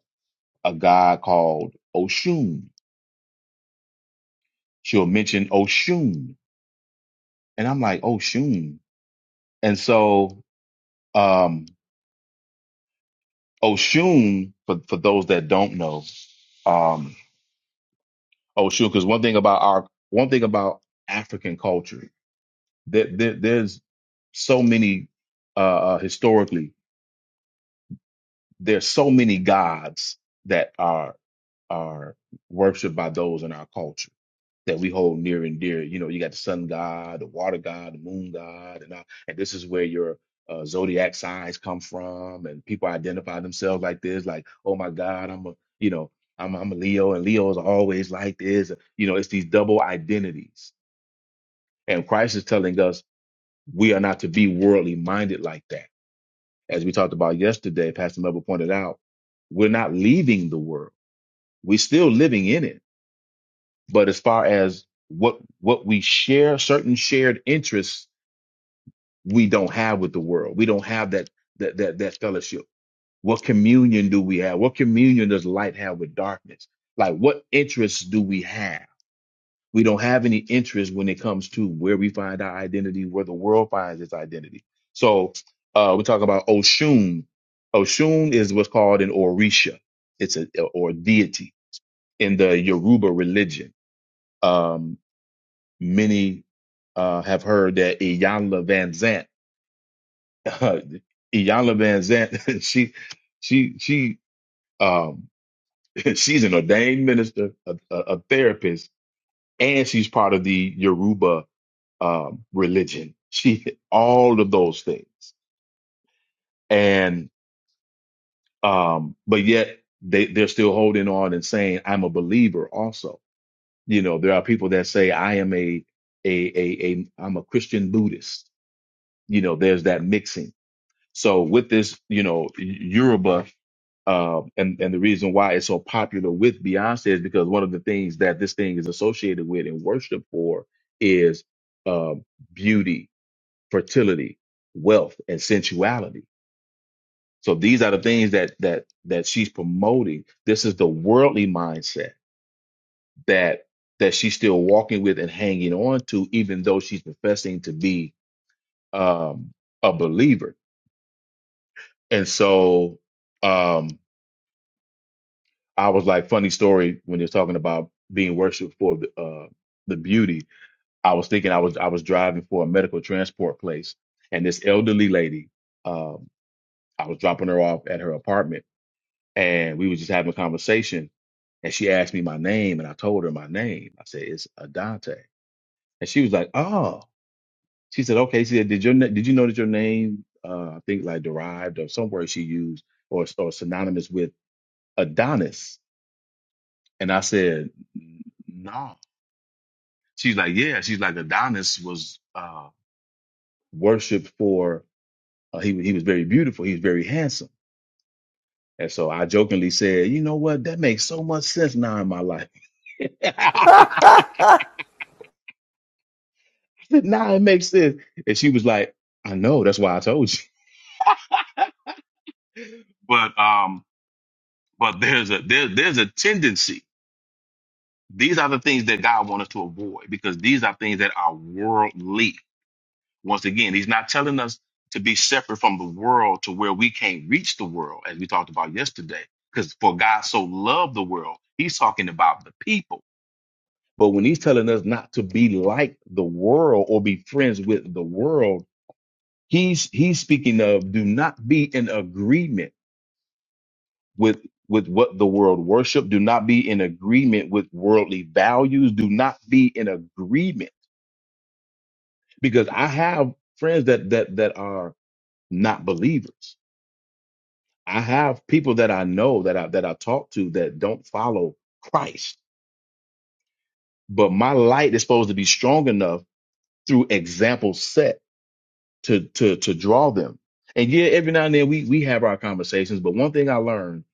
[SPEAKER 4] a guy called Oshun. She'll mention Oshun. And I'm like, Oshun. And so um, Oshun, for, for those that don't know, um, Oshun, because one thing about our, one thing about African culture, there, there, there's so many, uh, uh, historically, there's so many gods that are, are worshiped by those in our culture that we hold near and dear. You know, you got the sun god, the water god, the moon god, and all, and this is where your uh, zodiac signs come from, and people identify themselves like this, like, oh my God, I'm a, you know, I'm I'm a Leo, and Leos are always like this. You know, it's these double identities, and Christ is telling us we are not to be worldly minded like that. As we talked about yesterday, Pastor Melba pointed out, we're not leaving the world; we're still living in it But as far as what what we share, certain shared interests we don't have with the world. We don't have that that that that fellowship. What communion do we have? What communion does light have with darkness? Like what interests do we have? We don't have any interest when it comes to where we find our identity, where the world finds its identity. So uh, we talk about Oshun. Oshun is what's called an Orisha. It's a or deity in the Yoruba religion Um, Many uh, have heard that Iyanla Van Zant, *laughs* Iyanla Van Zant, *laughs* she, she, she, um, *laughs* she's an ordained minister, a, a, a therapist, and she's part of the Yoruba um, religion. She, all of those things, and um, but yet they they're still holding on and saying, "I'm a believer." Also, you know, there are people that say, "I am a a a, a I'm a Christian Buddhist." You know, there's that mixing So with this, you know, Yoruba, uh, and and the reason why it's so popular with Beyonce is because one of the things that this thing is associated with and worshiped for is uh, beauty, fertility, wealth, and sensuality. So these are the things that that that she's promoting. This is the worldly mindset that that she's still walking with and hanging on to, even though she's professing to be um, a believer. And so. Um, I was like, funny story when you're talking about being worshipped for the uh, the beauty. I was thinking I was I was driving for a medical transport place, and this elderly lady, um, I was dropping her off at her apartment, and we were just having a conversation, and she asked me my name, and I told her my name. I said it's Adante, and she was like, oh, she said, okay. She said, did your na- did you know that your name, uh, I think like derived or some word she used or or synonymous with Adonis? And I said, no. She's like, yeah. She's like, Adonis was uh, worshipped for uh, he he was very beautiful. He was very handsome. And so I jokingly said, you know what? That makes so much sense now in my life. *laughs* now it makes sense. And she was like, I know. That's why I told you. But um, but there's a there, there's a tendency. These are the things that God wants us to avoid because these are things that are worldly Once again, he's not telling us to be separate from the world to where we can't reach the world, as we talked about yesterday. Because for God so loved the world, he's talking about the people. But when he's telling us not to be like the world or be friends with the world, he's he's speaking of do not be in agreement with with what the world worship. Do not be in agreement with worldly values. Do not be in agreement because I have friends that that that are not believers I have people that I know that I that I talk to that don't follow Christ, but my light is supposed to be strong enough through example set to to to draw them. And yeah, every now and then we we have our conversations, but one thing I learned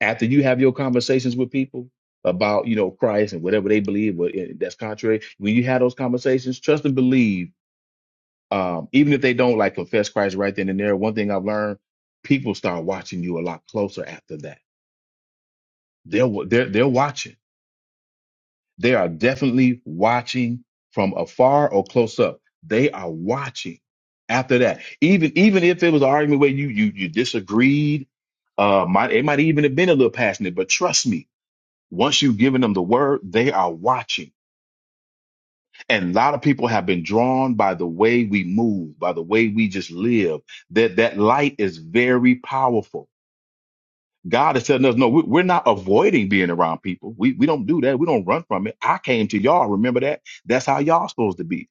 [SPEAKER 4] after you have your conversations with people about you know Christ and whatever they believe, but eh, that's contrary. When you have those conversations, trust and believe. Um, even if they don't like confess Christ right then and there, one thing I've learned, people start watching you a lot closer after that. They're wa- they're they're watching They are definitely watching from afar or close up. They are watching after that. Even even if it was an argument where you you you disagreed, uh might it might even have been a little passionate, but trust me, once you've given them the word, they are watching. And a lot of people have been drawn by the way we move, by the way we just live. That that light is very powerful God is telling us, no, we- we're not avoiding being around people. We, we don't do that. We don't run from it. I came to y'all. Remember that? That's how y'all supposed to be.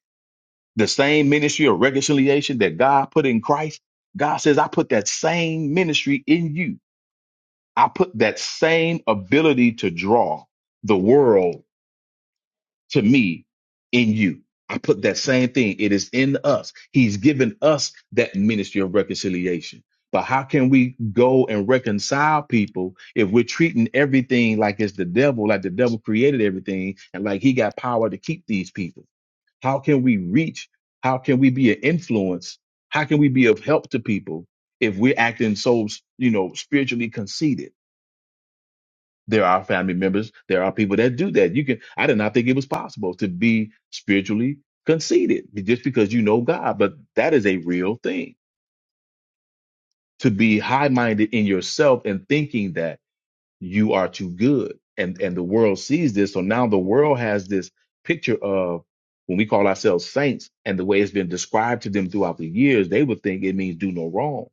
[SPEAKER 4] The same ministry of reconciliation that God put in Christ. God says, I put that same ministry in you. I put that same ability to draw the world to me in you. I put that same thing. It is in us. He's given us that ministry of reconciliation. But how can we go and reconcile people if we're treating everything like it's the devil, like the devil created everything and like he got power to keep these people? How can we reach? How can we be an influence? How can we be of help to people if we're acting so, you know, spiritually conceited? There are family members. There are people that do that. You can. I did not think it was possible to be spiritually conceited just because you know God, but that is a real thing. To be high-minded in yourself and thinking that you are too good, and and the world sees this. So now the world has this picture of when we call ourselves saints, and the way it's been described to them throughout the years, they would think it means do no wrong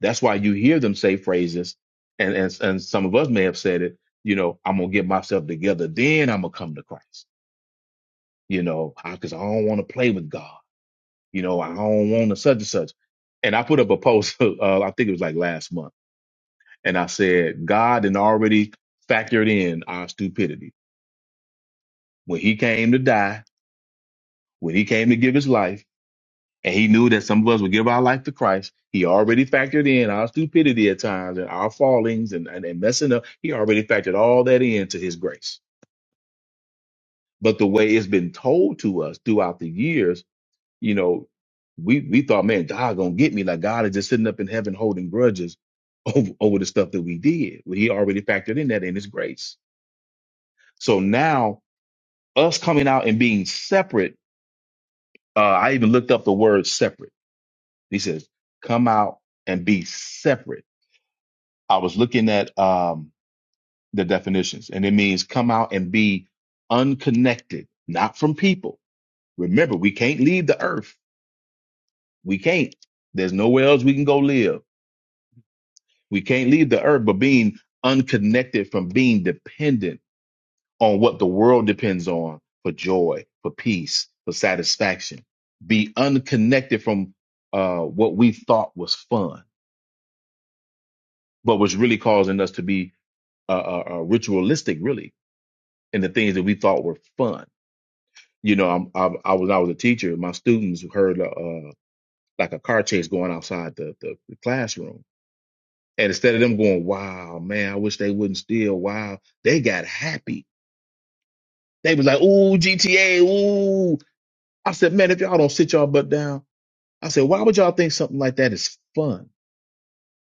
[SPEAKER 4] that's why you hear them say phrases, and and and some of us may have said it. You know, I'm gonna get myself together, then I'm gonna come to Christ. You know, because I, 'cause I don't want to play with God. You know, I don't want to such and such. And I put up a post. *laughs* Uh, I think it was like last month, and I said God had already factored in our stupidity when He came to die, when He came to give His life. and he knew that some of us would give our life to Christ. He already factored in our stupidity at times and our fallings and, and, and messing up. He already factored all that into his grace. But the way it's been told to us throughout the years, you know, we, we thought, man, God gonna get me. Like God is just sitting up in heaven holding grudges *laughs* over, over the stuff that we did. Well, he already factored in that in his grace. So now us coming out and being separate, uh, I even looked up the word separate. He says, come out and be separate I was looking at um, the definitions, and it means come out and be unconnected, not from people. Remember, we can't leave the earth. We can't. There's nowhere else we can go live. We can't leave the earth, but being unconnected from being dependent on what the world depends on for joy, for peace, for satisfaction. Be unconnected from uh, what we thought was fun, but was really causing us to be uh, uh, uh, ritualistic, really, in the things that we thought were fun you know, I'm, I, I was I was a teacher. My students heard uh, like a car chase going outside the, the, the classroom, and instead of them going, "Wow, man, I wish they wouldn't steal," wow, they got happy. They was like, "Ooh, GTA, ooh." I said, "Man, if y'all don't sit y'all butt down," I said, "Why would y'all think something like that is fun?"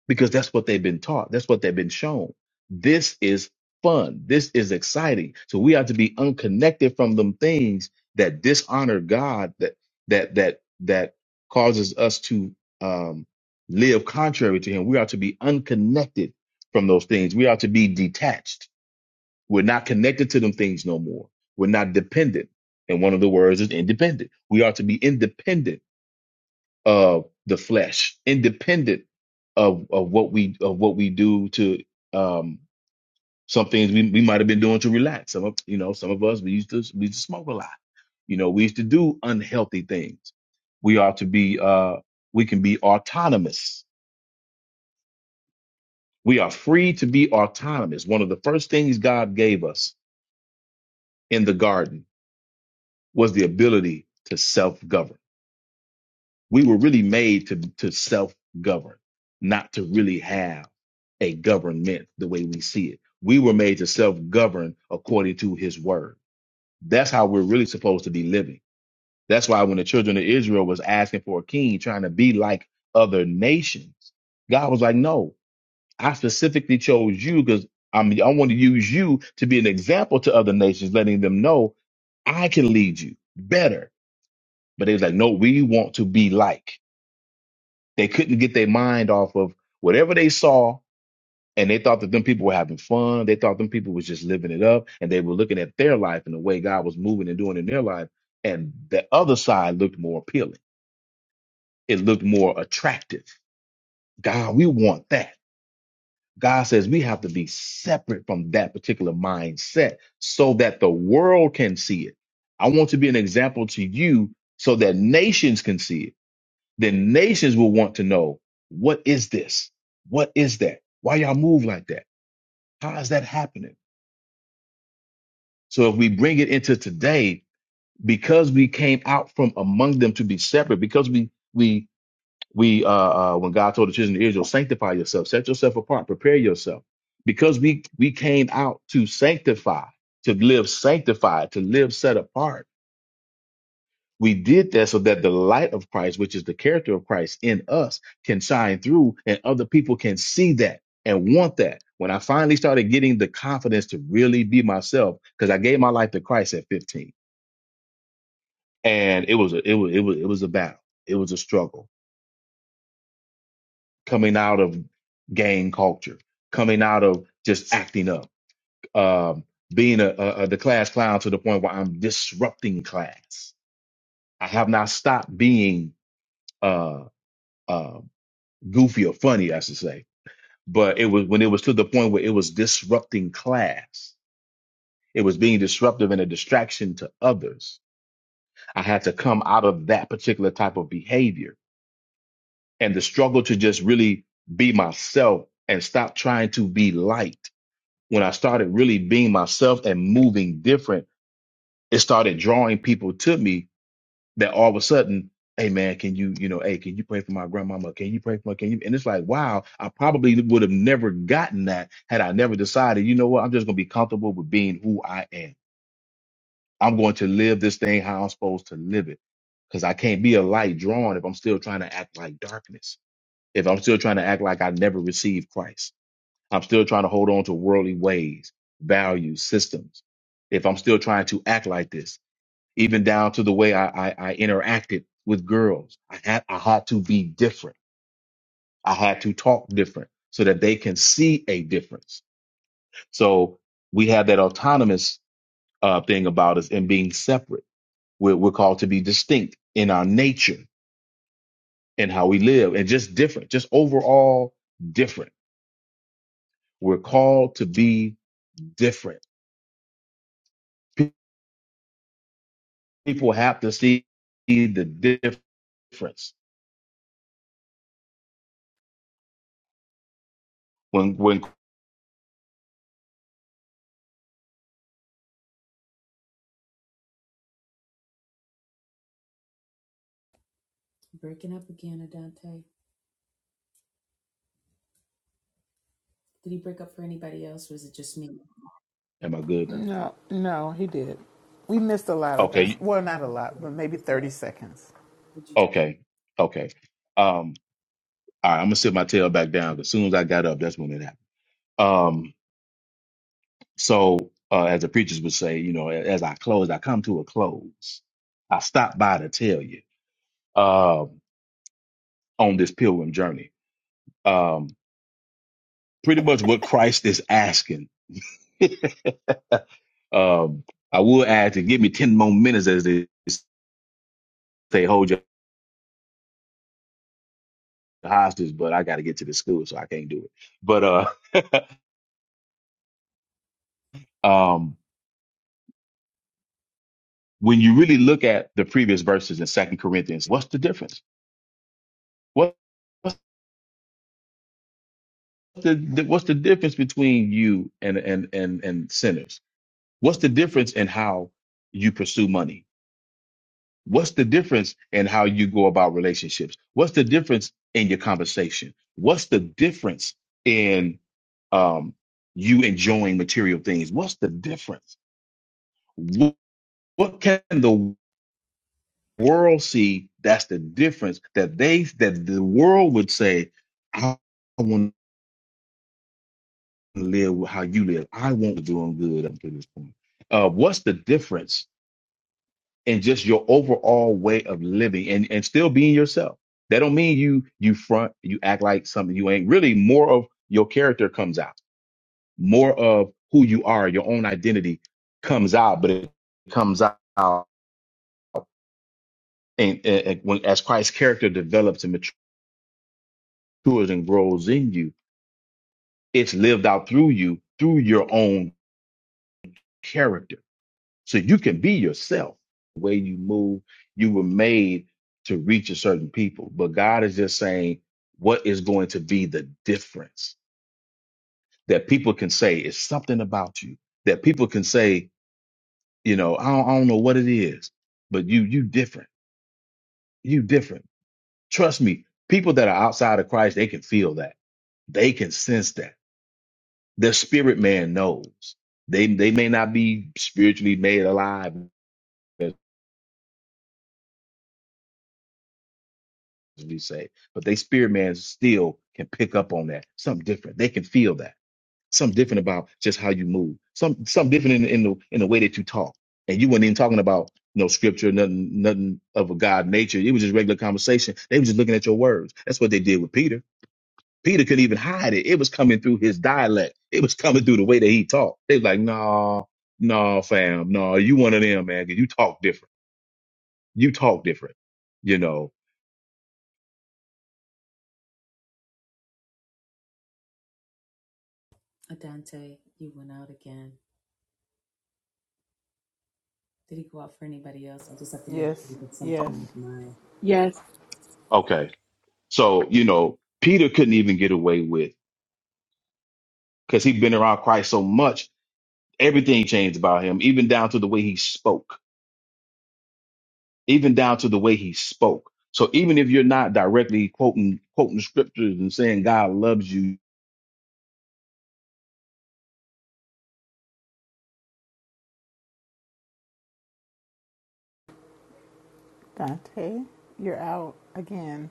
[SPEAKER 4] because that's what they've been taught. That's what they've been shown. This is fun. This is exciting. So we have to be unconnected from them things that dishonor God, that that that that causes us to um, live contrary to Him. We are to be unconnected from those things. We are to be detached. We're not connected to them things no more. We're not dependent. And one of the words is independent. We are to be independent of the flesh, independent of, of what we of what we do to um, some things we, we might have been doing to relax. Some of you know some of us we used to we used to smoke a lot. You know we used to do unhealthy things. We are to be uh, we can be autonomous. We are free to be autonomous. One of the first things God gave us in the garden was the ability to self govern We were really made to, to self govern, not to really have a government the way we see it. We were made to self govern according to his word. That's how we're really supposed to be living. That's why when the children of Israel was asking for a king, trying to be like other nations, God was like, no, I specifically chose you because I mean, I want to use you to be an example to other nations, letting them know I can lead you better. But they was like, no, we want to be like. They couldn't get their mind off of whatever they saw, and they thought that them people were having fun. They thought them people was just living it up, and they were looking at their life and the way God was moving and doing in their life. And the other side looked more appealing. It looked more attractive. God, we want that. God says we have to be separate from that particular mindset so that the world can see it. I want to be an example to you so that nations can see it then nations will want to know what is this? What is that? Why y'all move like that? How is that happening? So if we bring it into today, because we came out from among them to be separate, because we we we uh, uh when God told the children of Israel, sanctify yourself, set yourself apart, prepare yourself, because we we came out to sanctify, to live sanctified, to live set apart We did that so that the light of Christ, which is the character of Christ in us, can shine through and other people can see that and want that. When I finally started getting the confidence to really be myself, because I gave my life to Christ at 15. And it was a it was it was it was a battle. It was a struggle coming out of gang culture, coming out of just acting up, um, being a, a, a the class clown to the point where I'm disrupting class. I have not stopped being uh uh, goofy or funny, I should say. But it was when it was to the point where it was disrupting class. It was being disruptive and a distraction to others. I had to come out of that particular type of behavior and the struggle to just really be myself and stop trying to be liked. When I started really being myself and moving different, it started drawing people to me that all of a sudden, hey man, can you, you know, hey, can you pray for my grandmama? Can you pray for my, can you? And it's like, wow, I probably would have never gotten that had I never decided, you know what, I'm just gonna be comfortable with being who I am. I'm going to live this thing how I'm supposed to live it. Cause I can't be a light drawn if I'm still trying to act like darkness. If I'm still trying to act like I never received Christ. I'm still trying to hold on to worldly ways, values, systems. If I'm still trying to act like this even down to the way I, I, I interacted with girls. I had, I had to be different. I had to talk different so that they can see a difference. So we have that autonomous uh, thing about us and being separate. We're, we're called to be distinct in our nature and how we live and just different, just overall different. We're called to be different. Pe- People have to see the difference when, when,
[SPEAKER 1] Breaking up again, Adante. Did he break up for anybody else? Was it just me?
[SPEAKER 4] am I good now?
[SPEAKER 2] No, no, he did. We missed a lot of
[SPEAKER 4] Okay.
[SPEAKER 1] It's
[SPEAKER 2] that. Well, not a lot, but maybe 30
[SPEAKER 1] less.
[SPEAKER 2] seconds.
[SPEAKER 1] Would you just
[SPEAKER 4] Okay. Okay. Um, all right, I'm gonna sit my tail back down 'cause as soon as I got up, that's when it happened. Um, so uh, as the preachers would say, you know, a- as I close, I come to a close. I stop by to tell you um, on this pilgrim journey. Um, pretty much what Christ is asking. *laughs* Um, I would ask to give me 10 more minutes as they say hold your hostage, but I gotta get to the school, so I can't do it. But uh *laughs* um when you really look at the previous verses in Second Corinthians, what's the difference? What's the what's the difference between you and and and and sinners? What's the difference in how you pursue money? What's the difference in how you go about relationships? What's the difference in your conversation? What's the difference in um, you enjoying material things? What's the difference? What, what can the world see that's the difference that they that the world would say i want to live how you live i want to doing good up to this point uh, what's the difference in just your overall way of living and and still being yourself that don't mean you you front you act like something you ain't really more of your character comes out more of who you are your own identity comes out but it comes out and, and, and when as christ's character develops and matures and grows in you It's lived out through you, through your own character. So you can be yourself. The way you move, you were made to reach a certain people. But God is just saying, what is going to be the difference that people can say is something about you that people can say, you know, I don't, I don't know what it is, but you, you different, you different. Trust me, people that are outside of Christ, they can feel that. They can sense that The spirit man knows. They they may not be spiritually made alive, as we say, but they spirit man still can pick up on that. Something different. They can feel that. Something different about just how you move. Some something different in, in the in the way that you talk. And you weren't even talking about no scripture, nothing, nothing of a God nature. It was just regular conversation. They were just looking at your words. That's what they did with Peter Peter couldn't even hide it. It was coming through his dialect. It was coming through the way that he talked. They was like, nah, nah, fam, nah, you one of them, man, 'cause you talk different. You talk different, you know.
[SPEAKER 1] Adante, you went out again. Did he go out for anybody else? I just have to make sure we
[SPEAKER 2] Yes,
[SPEAKER 1] because
[SPEAKER 2] yes.
[SPEAKER 1] sometimes
[SPEAKER 4] Um,
[SPEAKER 1] my
[SPEAKER 7] Yes.
[SPEAKER 4] okay. So, you know, Peter couldn't even get away with because he'd been around Christ so much, everything changed about him, even down to the way he spoke, even down to the way he spoke. So even if you're not directly quoting quoting scriptures and saying God loves you
[SPEAKER 2] Dante, you're out again.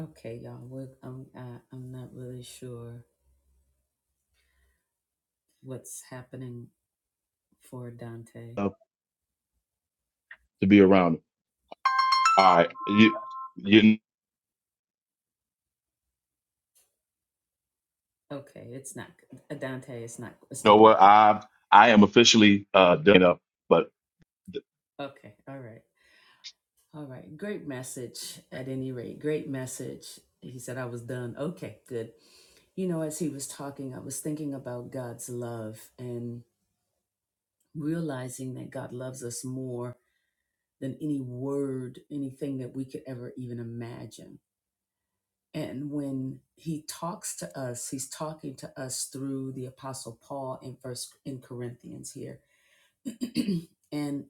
[SPEAKER 1] okay, y'all. We're, um, I, I'm not really sure what's happening for Dante.
[SPEAKER 4] uh, to be around him, all right, you, you
[SPEAKER 1] Okay, it's not Adante. It's not. It's not
[SPEAKER 4] know what?
[SPEAKER 1] working.
[SPEAKER 4] I I am officially uh, done up, but
[SPEAKER 1] Okay, all right, all right. Great message. At any rate, great message. He said I was done. Okay, good. You know, as he was talking, I was thinking about God's love and. realizing that God loves us more than any word, anything that we could ever even imagine. And when he talks to us, he's talking to us through the apostle Paul in first in Corinthians here. *clears throat* and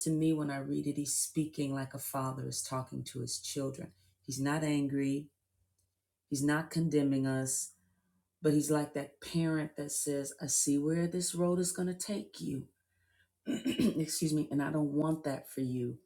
[SPEAKER 1] to me when I read it, he's speaking like a father is talking to his children. He's not angry, he's not condemning us, but he's like that parent that says, "I see where this road is going to take you." *clears throat* excuse me, and I don't want that for you.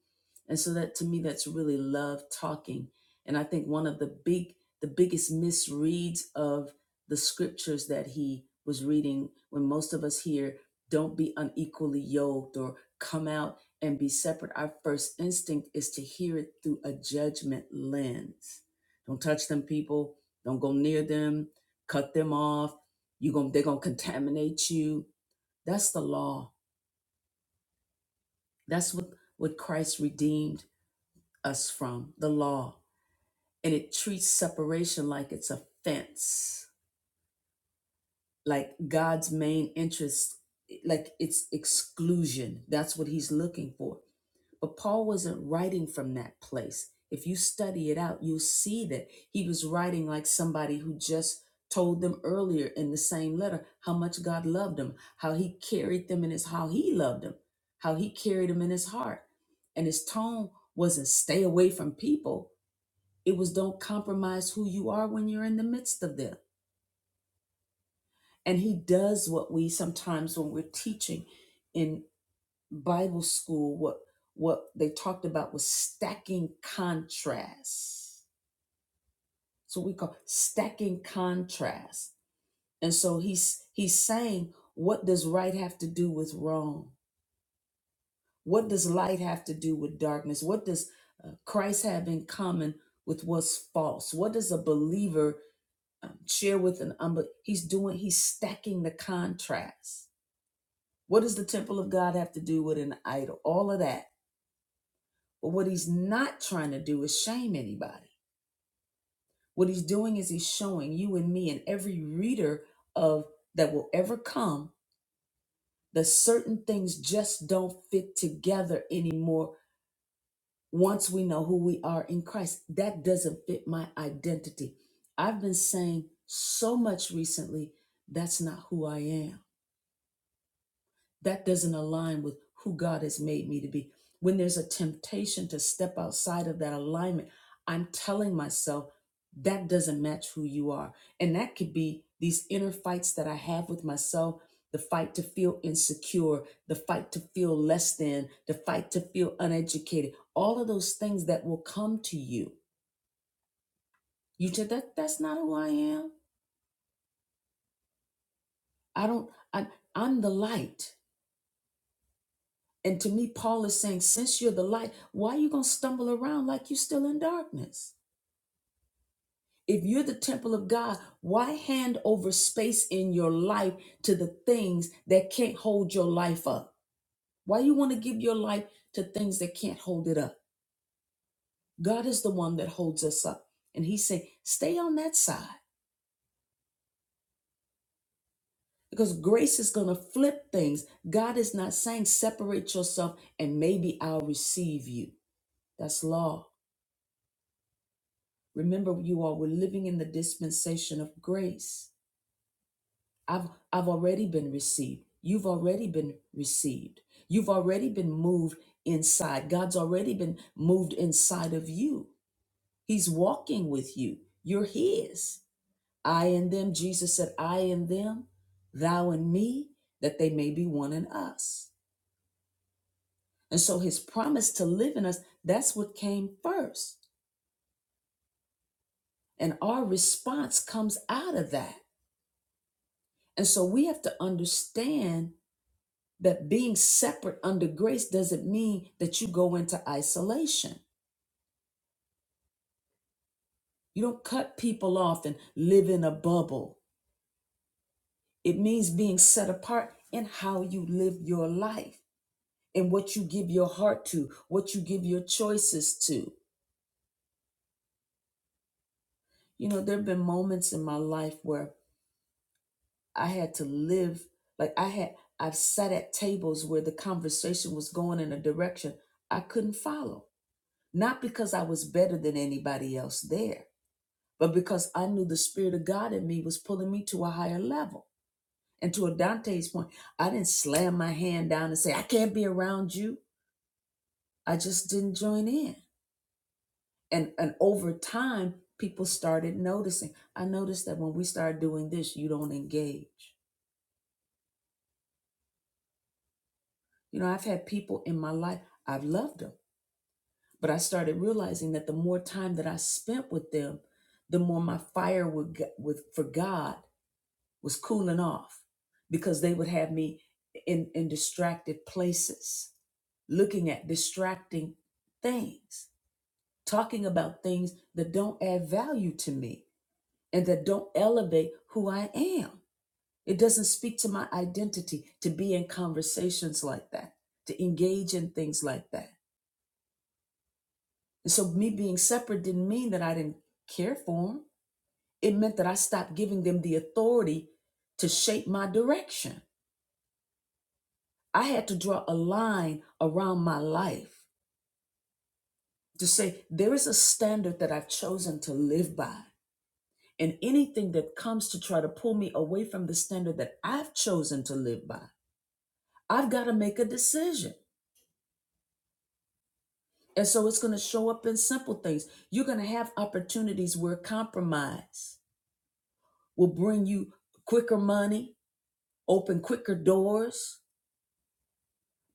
[SPEAKER 1] And so that to me, that's really love talking. And I think one of the big, the biggest misreads of the scriptures that he was reading when most of us here don't be unequally yoked or come out and be separate. Our first instinct is to hear it through a judgment lens. Don't touch them people. Don't go near them. Cut them off. You going they're gonna contaminate you. That's the law that's what, what Christ redeemed us from, the law. And it treats separation like it's a fence like God's main interest, like it's exclusion. That's what he's looking for. But Paul wasn't writing from that place. If you study it out, you'll see that he was writing like somebody who just told them earlier in the same letter how much God loved them, how he carried them in his how he loved them, how he carried them in his heart. And his tone wasn't stay away from people. It was don't compromise who you are when you're in the midst of them and he does what we sometimes when we're teaching in Bible school, what what they talked about was stacking contrasts. So we call stacking contrasts. And so he's he's saying, what does right have to do with wrong? What does light have to do with darkness? What does uh, Christ have in common with what's false? What does a believer um, share with an unbeliever? He's doing, he's stacking the contrast What does the temple of God have to do with an idol? All of that. But what he's not trying to do is shame anybody. What he's doing is he's showing you and me and every reader of that will ever come that certain things just don't fit together anymore once we know who we are in Christ. That doesn't fit my identity. I've been saying so much recently, that's not who I am. that doesn't align with who God has made me to be. When there's a temptation to step outside of that alignment, I'm telling myself that doesn't match who you are. And that could be these inner fights that I have with myself the fight to feel insecure, the fight to feel less than, the fight to feel uneducated, all of those things that will come to you. You said that that's not who I am. I don't I I'm the light. And to me, Paul is saying, since you're the light, why are you going to stumble around like you're still in darkness? If you're the temple of God, why hand over space in your life to the things that can't hold your life up? Why you want to give your life to things that can't hold it up? God is the one that holds us up. And he's saying, stay on that side because grace is going to flip things. God is not saying separate yourself and maybe I'll receive you. That's law. Remember, you all, we're living in the dispensation of grace. I've, I've already been received. You've already been received. You've already been moved inside. God's already been moved inside of you. He's walking with you. You're His. I and them, Jesus said, I and them, thou and me, that they may be one in us. And so His promise to live in us, that's what came first. And our response comes out of that. And so we have to understand that being separate under grace doesn't mean that you go into isolation. You don't cut people off and live in a bubble. It means being set apart in how you live your life and what you give your heart to, what you give your choices to. You know, there have been moments in my life where I had to live, like I had, I've sat at tables where the conversation was going in a direction I couldn't follow not because I was better than anybody else there, but because I knew the Spirit of God in me was pulling me to a higher level. And to a Dante's point, I didn't slam my hand down and say, I can't be around you. I just didn't join in. And, and over time, people started noticing. I noticed that when we start doing this, you don't engage. You know, I've had people in my life, I've loved them, but I started realizing that the more time that I spent with them, the more my fire would, get- would for God was cooling off because they would have me in, in distracted places, looking at distracting things, talking about things that don't add value to me and that don't elevate who I am. It doesn't speak to my identity to be in conversations like that, to engage in things like that. And so, me being separate didn't mean that I didn't care for them. It meant that I stopped giving them the authority to shape my direction. I had to draw a line around my life to say there is a standard that I've chosen to live by. And anything that comes to try to pull me away from the standard that I've chosen to live by, I've got to make a decision. And so it's going to show up in simple things. You're going to have opportunities where compromise will bring you quicker money, open quicker doors,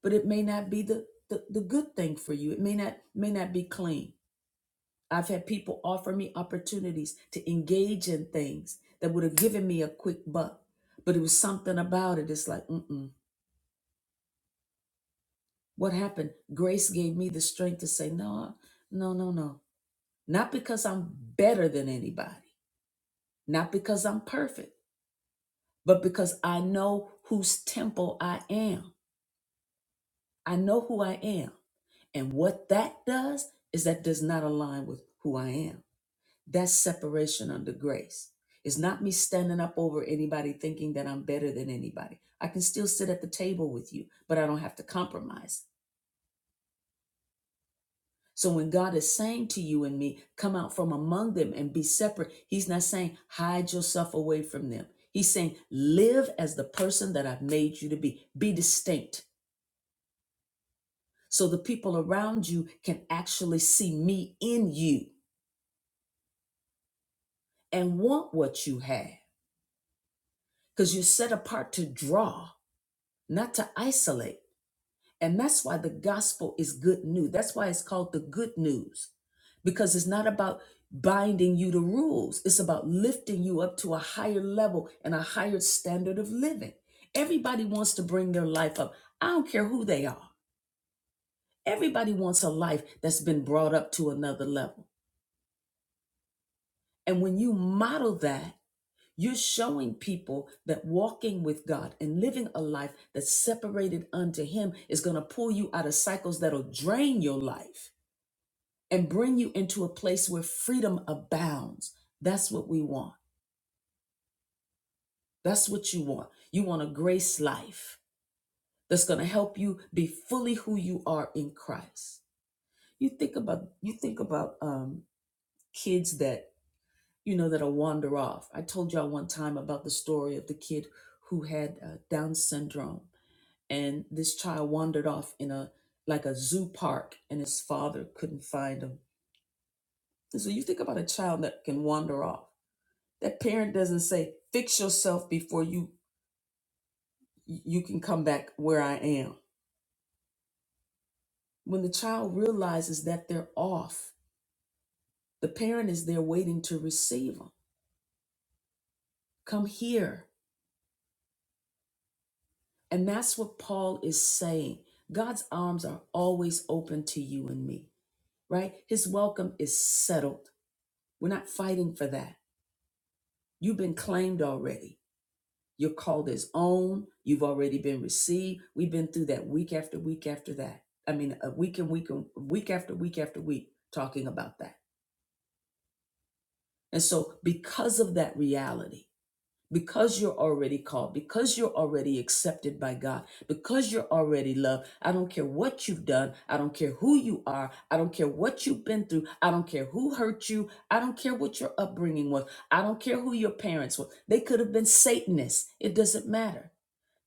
[SPEAKER 1] but it may not be the, the, the good thing for you. It may not may not be clean. I've had people offer me opportunities to engage in things that would have given me a quick buck, but it was something about it. It's like, mm-mm. What happened? Grace gave me the strength to say, no, no, no, no. Not because I'm better than anybody, not because I'm perfect, but because I know whose temple I am. I know who I am. And what that does is that does not align with who I am. That's separation under grace. It's not me standing up over anybody thinking that I'm better than anybody. I can still sit at the table with you, but I don't have to compromise. So when God is saying to you and me, come out from among them and be separate, He's not saying hide yourself away from them. He's saying live as the person that I've made you to be, be distinct. So the people around you can actually see me in you and want what you have because you're set apart to draw, not to isolate. And that's why the gospel is good news. That's why it's called the good news, because it's not about binding you to rules, it's about lifting you up to a higher level and a higher standard of living. Everybody wants to bring their life up. I don't care who they are. Everybody wants a life that's been brought up to another level. And when you model that, you're showing people that walking with God and living a life that's separated unto Him is going to pull you out of cycles that'll drain your life and bring you into a place where freedom abounds. That's what we want. That's what you want. You want a grace life that's going to help you be fully who you are in Christ. You think about you think about um, kids that you know that'll wander off. I told y'all one time about the story of the kid who had uh, Down syndrome, and this child wandered off in a like a zoo park, and his father couldn't find him. And so you think about a child that can wander off That parent doesn't say, fix yourself before you you can come back where I am. When the child realizes that they're off, the parent is there waiting to receive them. Come here. And that's what Paul is saying. God's arms are always open to you and me, right? His welcome is settled. We're not fighting for that. You've been claimed already. You're called as own. You've already been received. We've been through that week after week after that. I mean, a week and week and week after week after week talking about that. And so, because of that reality, because you're already called, because you're already accepted by God, because you're already loved, I don't care what you've done. I don't care who you are. I don't care what you've been through. I don't care who hurt you. I don't care what your upbringing was. I don't care who your parents were. They could have been Satanists. It doesn't matter.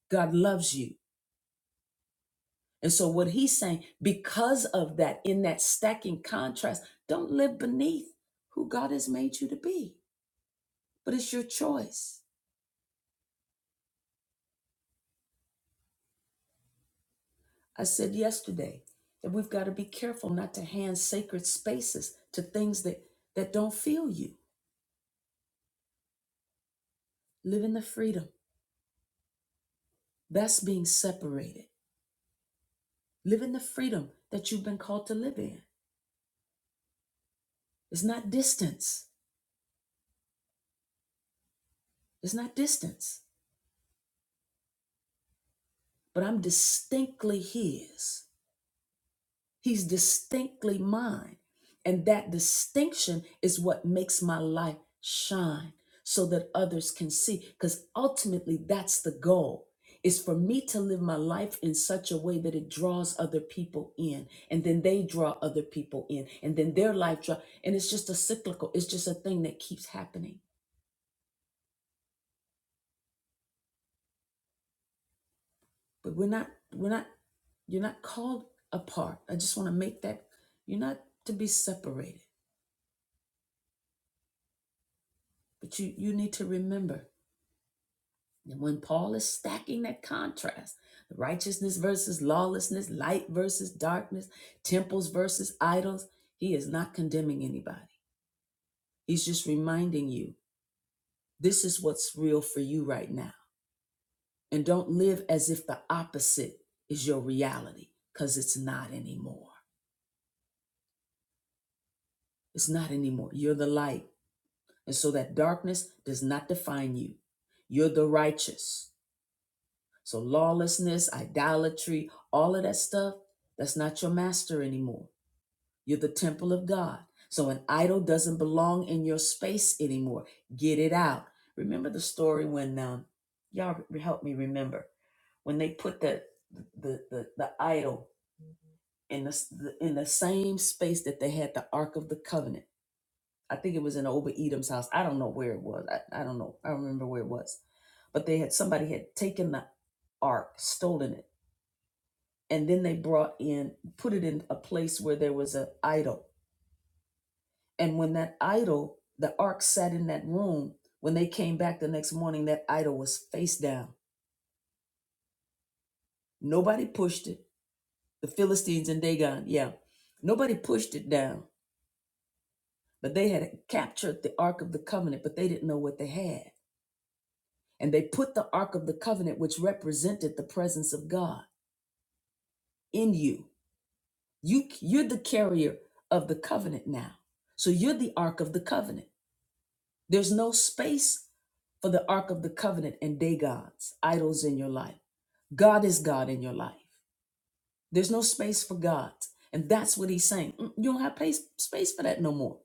[SPEAKER 1] God loves you. And so, what he's saying, because of that, in that stacking contrast, don't live beneath who God has made you to be, but it's your choice. I said yesterday that we've got to be careful not to hand sacred spaces to things that, that don't feel you. Live in the freedom. That's being separated. Live in the freedom that you've been called to live in. It's not distance. It's not distance, but I'm distinctly His. He's distinctly mine. And that distinction is what makes my life shine so that others can see. Because ultimately, that's the goal is for me to live my life in such a way that it draws other people in and then they draw other people in and then their life draw and it's just a cyclical it's just a thing that keeps happening but we're not we're not you're not called apart i just want to make that you're not to be separated but you you need to remember And when Paul is stacking that contrast, the righteousness versus lawlessness, light versus darkness, temples versus idols, he is not condemning anybody. He's just reminding you this is what's real for you right now. And don't live as if the opposite is your reality, because it's not anymore. It's not anymore. You're the light. And so that darkness does not define you. You're the righteous. So lawlessness, idolatry, all of that stuff, that's not your master anymore. You're the temple of God. So an idol doesn't belong in your space anymore. Get it out. Remember the story when um, y'all re- help me remember when they put the the the, the idol in the, s- the in the same space that they had the Ark of the Covenant. I think it was in Obed Edom's house. I don't know where it was. I, I don't know. I don't remember where it was. But they had somebody had taken the ark, stolen it and then they brought in put it in a place where there was an idol and when that idol the ark sat in that room when they came back the next morning that idol was face down nobody pushed it the philistines and dagon yeah nobody pushed it down but they had captured the ark of the covenant but they didn't know what they had and they put the ark of the covenant which represented the presence of god in you you you're the carrier of the covenant now so you're the ark of the covenant There's no space for the Ark of the Covenant and day gods, idols in your life. God is God in your life. There's no space for gods. And that's what he's saying. Mm, You don't have place, space for that no more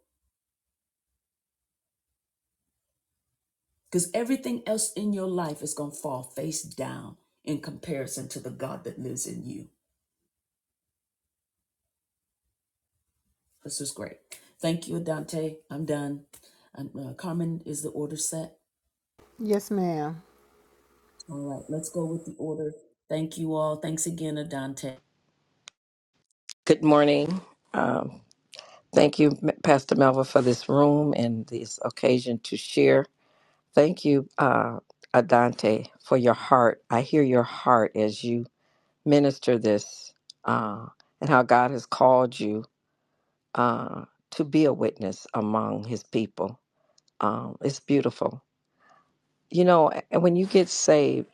[SPEAKER 1] because everything else in your life is going to fall face down in comparison to the God that lives in you. This is great. Thank you, Dante. I'm done. And, uh, Carmen, is the order set?
[SPEAKER 2] Yes, ma'am.
[SPEAKER 1] All right, let's go with the order. Thank you all. Thanks again, Adante.
[SPEAKER 8] Good morning. Um, thank you, M- Pastor Melva, for this room and this occasion to share. Thank you, uh, Adante, for your heart. I hear your heart as you minister this uh, and how God has called you uh, to be a witness among his people. Um, it's beautiful. You know, and when you get saved,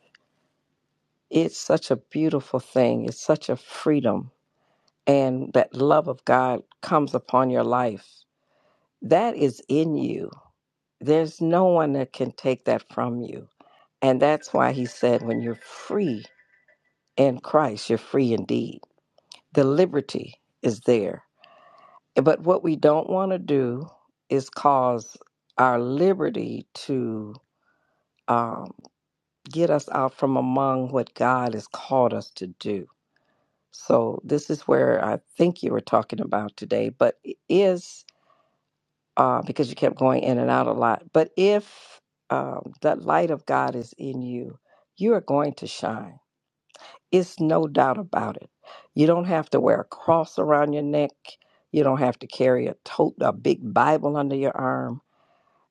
[SPEAKER 8] it's such a beautiful thing, it's such a freedom. And that love of God comes upon your life That is in you. There's no one that can take that from you. And that's why he said, when you're free in Christ, you're free indeed. The liberty is there. But what we don't want to do is cause our liberty to um, get us out from among what God has called us to do. So, this is where I think you were talking about today, but is. uh, because you kept going in and out a lot. But if um, the light of God is in you, you are going to shine. It's no doubt about it. You don't have to wear a cross around your neck. You don't have to carry a tote, a big Bible under your arm.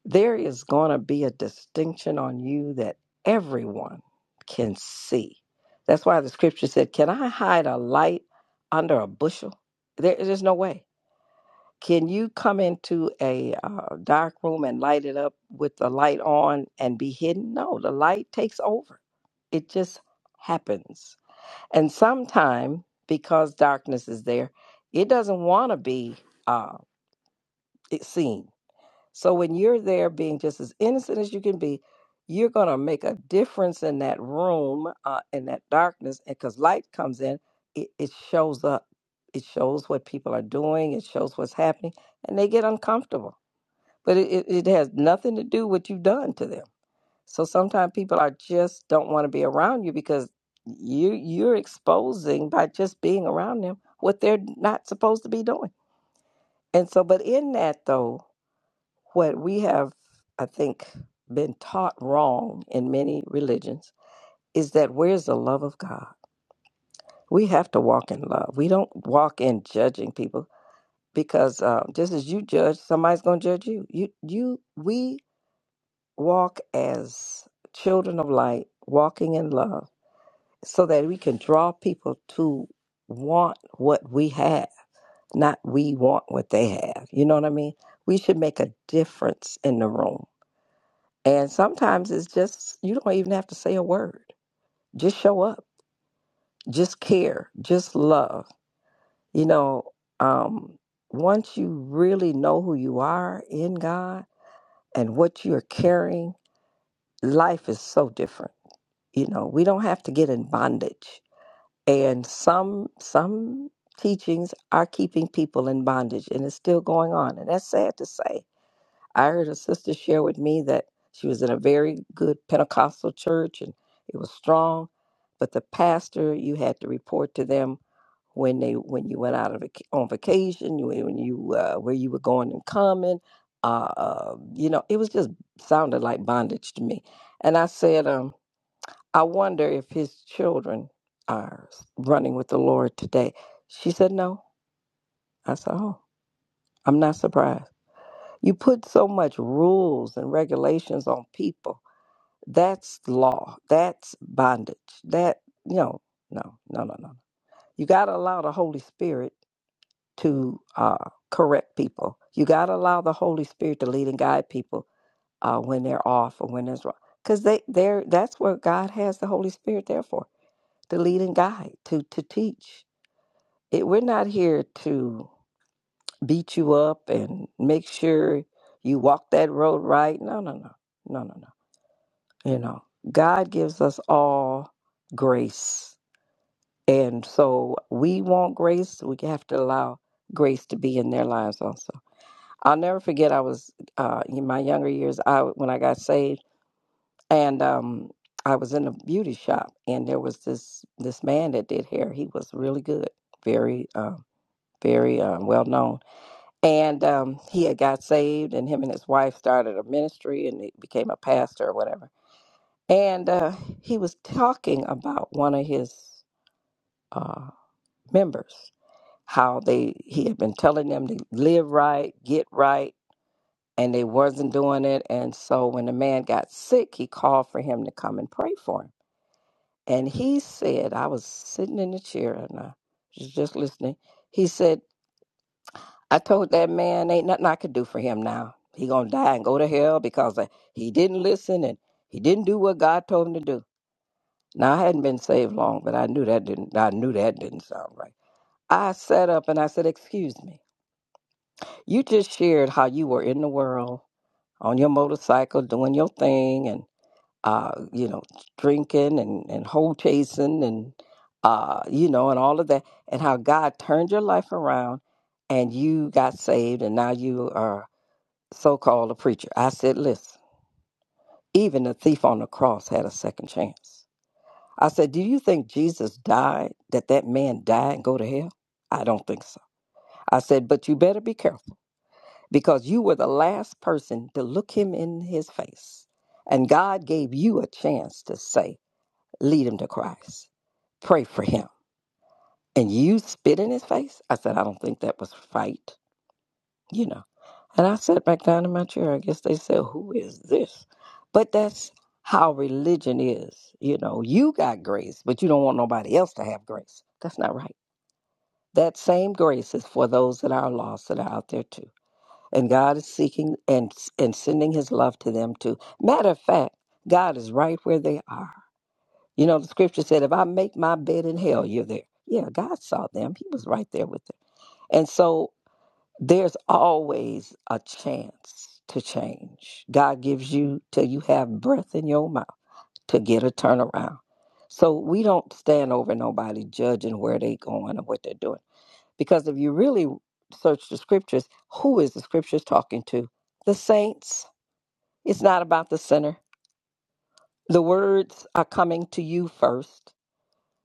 [SPEAKER 8] There is going to be a distinction on you that everyone can see. That's why the scripture said, "Can I hide a light under a bushel?" There, there's no way can you come into a uh, dark room and light it up with the light on and be hidden? No, the light takes over. It just happens. And sometime, because darkness is there, it doesn't want to be uh, it seen. So when you're there being just as innocent as you can be, you're going to make a difference in that room, uh, in that darkness. And because light comes in, it, it shows up. It shows what people are doing, it shows what's happening, and they get uncomfortable. But it, it, it has nothing to do with what you've done to them. So sometimes people are just don't want to be around you because you you're exposing by just being around them what they're not supposed to be doing. And so but in that though, what we have, I think, been taught wrong in many religions is that where's the love of God? We have to walk in love. We don't walk in judging people because uh, just as you judge, somebody's going to judge you. You, you, we walk as children of light, walking in love, so that we can draw people to want what we have, not we want what they have. You know what I mean? We should make a difference in the room And sometimes it's just, you don't even have to say a word. Just show up, just care, just love. You know, um, once you really know who you are in God and what you're carrying, life is so different. You know, we don't have to get in bondage. And some, some teachings are keeping people in bondage and it's still going on. And that's sad to say I heard a sister share with me that she was in a very good Pentecostal church and it was strong, but the pastor you had to report to them when they when you went out of vac- on vacation, you- when you uh, where you were going and coming, uh, uh, you know, it was just sounded like bondage to me. And I said, um, I wonder if his children are running with the Lord today. She said, No. I said, Oh, I'm not surprised. You put so much rules and regulations on people. That's law. That's bondage. That you know, no, no, no, no. You got to allow the Holy Spirit to uh, correct people. You got to allow the Holy Spirit to lead and guide people uh, when they're off or when there's wrong, because they they're that's what God has the Holy Spirit there for to lead and guide to to teach. It, we're not here to. beat you up and make sure you walk that road right. No, no, no, no, no, no. You know, God gives us all grace. And so we want grace. We have to allow grace to be in their lives also. I'll never forget, I was uh, in my younger years, I when I got saved, and um, I was in a beauty shop, and there was this this man that did hair. He was really good, very, uh, very uh, well known And um, he had got saved, and him and his wife started a ministry, and he became a pastor or whatever. And uh, he was talking about one of his uh, members, how they he had been telling them to live right, get right, and they wasn't doing it. And so when the man got sick, he called for him to come and pray for him. And he said, I was sitting in the chair and I was just listening. He said. I told that man ain't nothing I could do for him now. He gonna die and go to hell because uh, he didn't listen and he didn't do what God told him to do. Now I hadn't been saved long, but I knew that didn't. I knew that didn't sound right. I sat up and I said, "Excuse me, you just shared how you were in the world on your motorcycle doing your thing and uh, you know drinking and and hole chasing and uh, you know and all of that, and how God turned your life around." and you got saved and now you are so called a preacher. I said, Listen, even the thief on the cross had a second chance. I said, Do you think Jesus died, that that man died and go to hell? I don't think so. I said, But you better be careful because you were the last person to look him in his face. And God gave you a chance to say, Lead him to Christ, pray for him. And you spit in his face? I said, I don't think that was right, you know. And I sat back down in my chair. I guess they said, Who is this? But that's how religion is. You know, you got grace, but you don't want nobody else to have grace. That's not right. That same grace is for those that are lost that are out there too. And God is seeking and, and sending his love to them too. Matter of fact, God is right where they are. You know, the scripture said, If I make my bed in hell, you're there. Yeah, God saw them. He was right there with them. And so there's always a chance to change. God gives you till you have breath in your mouth to get a turnaround. So we don't stand over nobody judging where they going or what they're doing. Because if you really search the scriptures, who is the scriptures talking to? The saints. It's not about the sinner. The words are coming to you first.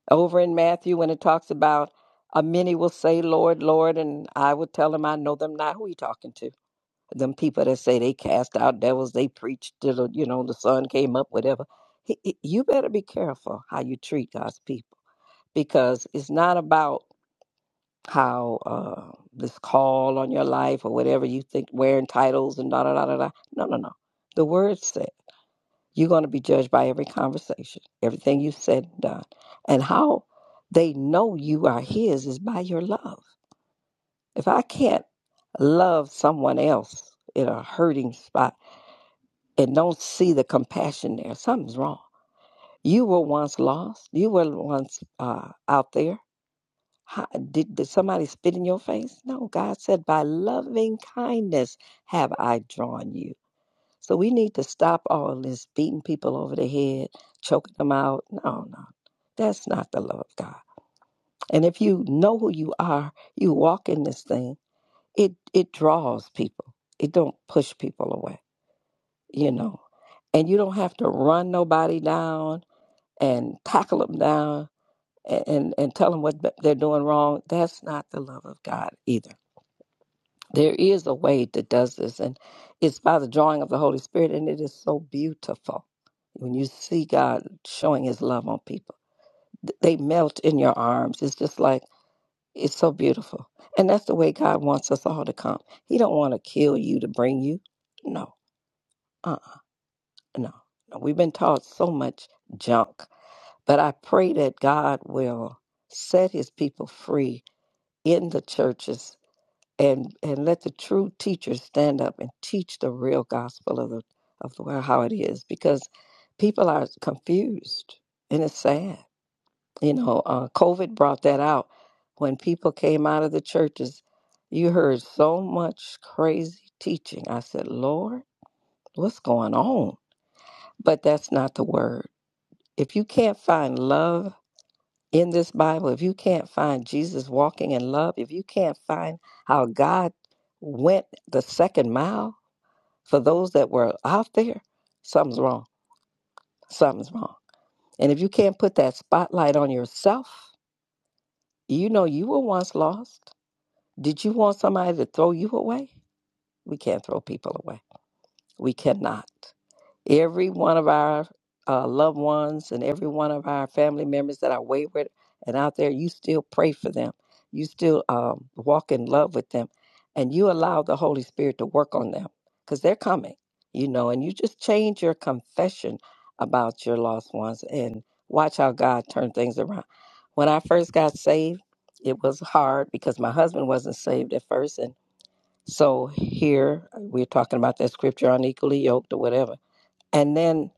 [SPEAKER 8] Over in Matthew, when it talks about a many will say, Lord, Lord, and I will tell them I know them not. Who he talking to? them people that say they cast out devils, they preach till the, you know the sun came up, whatever. He- he- You better be careful how you treat God's people because it's not about how uh, this call on your life or whatever you think wearing titles and da da da da da. No, no, no. The word said you're going to be judged by every conversation, everything you said and done, and how they know you are His is by your love. If I can't love someone else in a hurting spot and don't see the compassion there, something's wrong. You were once lost. You were once uh, out there. How, did, did somebody spit in your face? No, God said, by loving kindness have I drawn you. So we need to stop all this beating people over the head, choking them out. No, no, that's not the love of God. And if you know who you are, you walk in this thing. It it draws people. It don't push people away. you know. And you don't have to run nobody down and tackle them down and, and, and tell them what they're doing wrong. That's not the love of God either. There is a way that does this, and it's by the drawing of the Holy Spirit, and it is so beautiful when you see God showing His love on people. Th- They melt in your arms. It's just like it's so beautiful, and that's the way God wants us all to come. He don't want to kill you to bring you. No, uh, no, no, we've been taught so much junk, but I pray that God will set his people free in the churches and, and let the true teachers stand up and teach the real gospel of the of the world how it is because people are confused and it's sad. You know, uh, COVID brought that out when people came out of the churches. You heard so much crazy teaching. I said, Lord, what's going on? But that's not the word If you can't find love in this Bible, if you can't find Jesus walking in love, if you can't find how God went the second mile for those that were out there, something's wrong. Something's wrong. And if you can't put that spotlight on yourself, you know you were once lost. Did you want somebody to throw you away? We can't throw people away. We cannot. every one of our uh, loved ones and every one of our family members that are wayward and out there, you still pray for them. You still um, walk in love with them. And you allow the Holy Spirit to work on them because they're coming, you know, and you just change your confession about your lost ones and watch how God turned things around. When I first got saved, it was hard because my husband wasn't saved at first. And so here we're talking about that scripture unequally yoked or whatever and then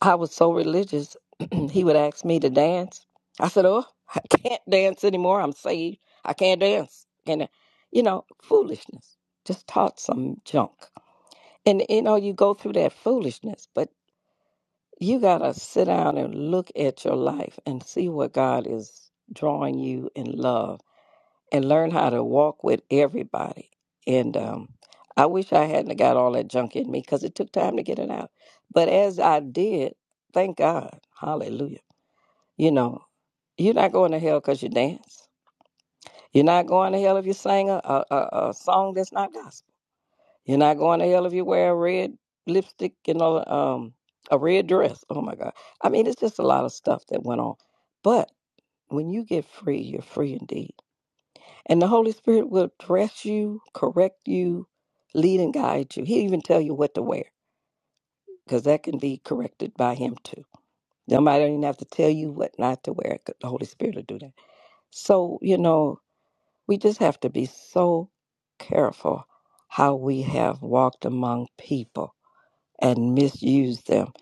[SPEAKER 8] I was so religious, *clears throat* he would ask me to dance. I said, Oh, *laughs* I can't dance anymore. I'm saved. I can't dance. And, uh, you know, foolishness. Just taught some junk. And, you know, you go through that foolishness, but you got to sit down and look at your life and see what God is drawing you in love and learn how to walk with everybody. And um, I wish I hadn't got all that junk in me because it took time to get it out. But as I did, thank God, hallelujah. You know, you're not going to hell because you dance. You're not going to hell if you sing a, a, a a song that's not gospel. You're not going to hell if you wear a red lipstick and a, um, a red dress. Oh my God. I mean, it's just a lot of stuff that went on. But when you get free, you're free indeed. And the Holy Spirit will dress you, correct you, lead and guide you. He'll even tell you what to wear because that can be corrected by Him too. Nobody don't even have to tell you what not to wear. 'cause The Holy Spirit will do that. So, you know, we just have to be so careful how we have walked among people and misused them.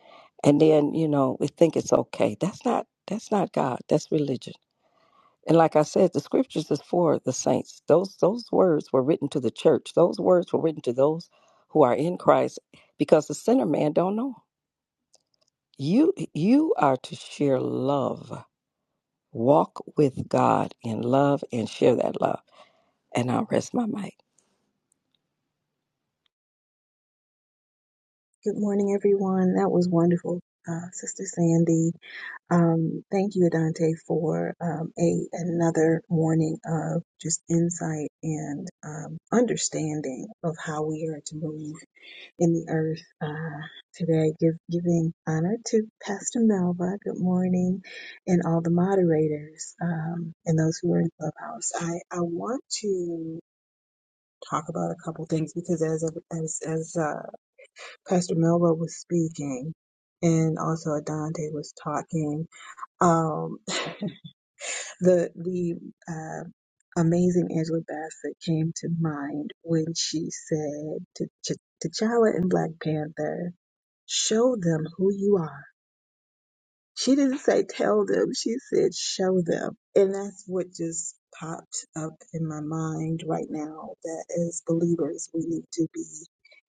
[SPEAKER 8] And then, you know, we think it's okay. That's not that's not God. That's religion And like I said, the scriptures is for the saints. Those those words were written to the church. Those words were written to those who are in Christ, because the sinner man don't know. You you are to share love. Walk with God in love and share that love. And I'll rest my mic.
[SPEAKER 9] Good morning, everyone. That was wonderful, uh, Sister Sandy. Um, thank you, Adante, for um, a another morning of just insight and um, understanding of how we are to move in the earth uh, today. Give, giving honor to Pastor Melva. Good morning, and all the moderators um, and those who are in Clubhouse. I I want to talk about a couple things because as as as uh, Pastor Melba was speaking, and also Adante was talking. Um, *laughs* the the uh, amazing Angela Bassett came to mind when she said to Ch- T'Challa in Black Panther, "Show them who you are." She didn't say tell them. She said show them, and that's what just popped up in my mind right now. That as believers, we need to be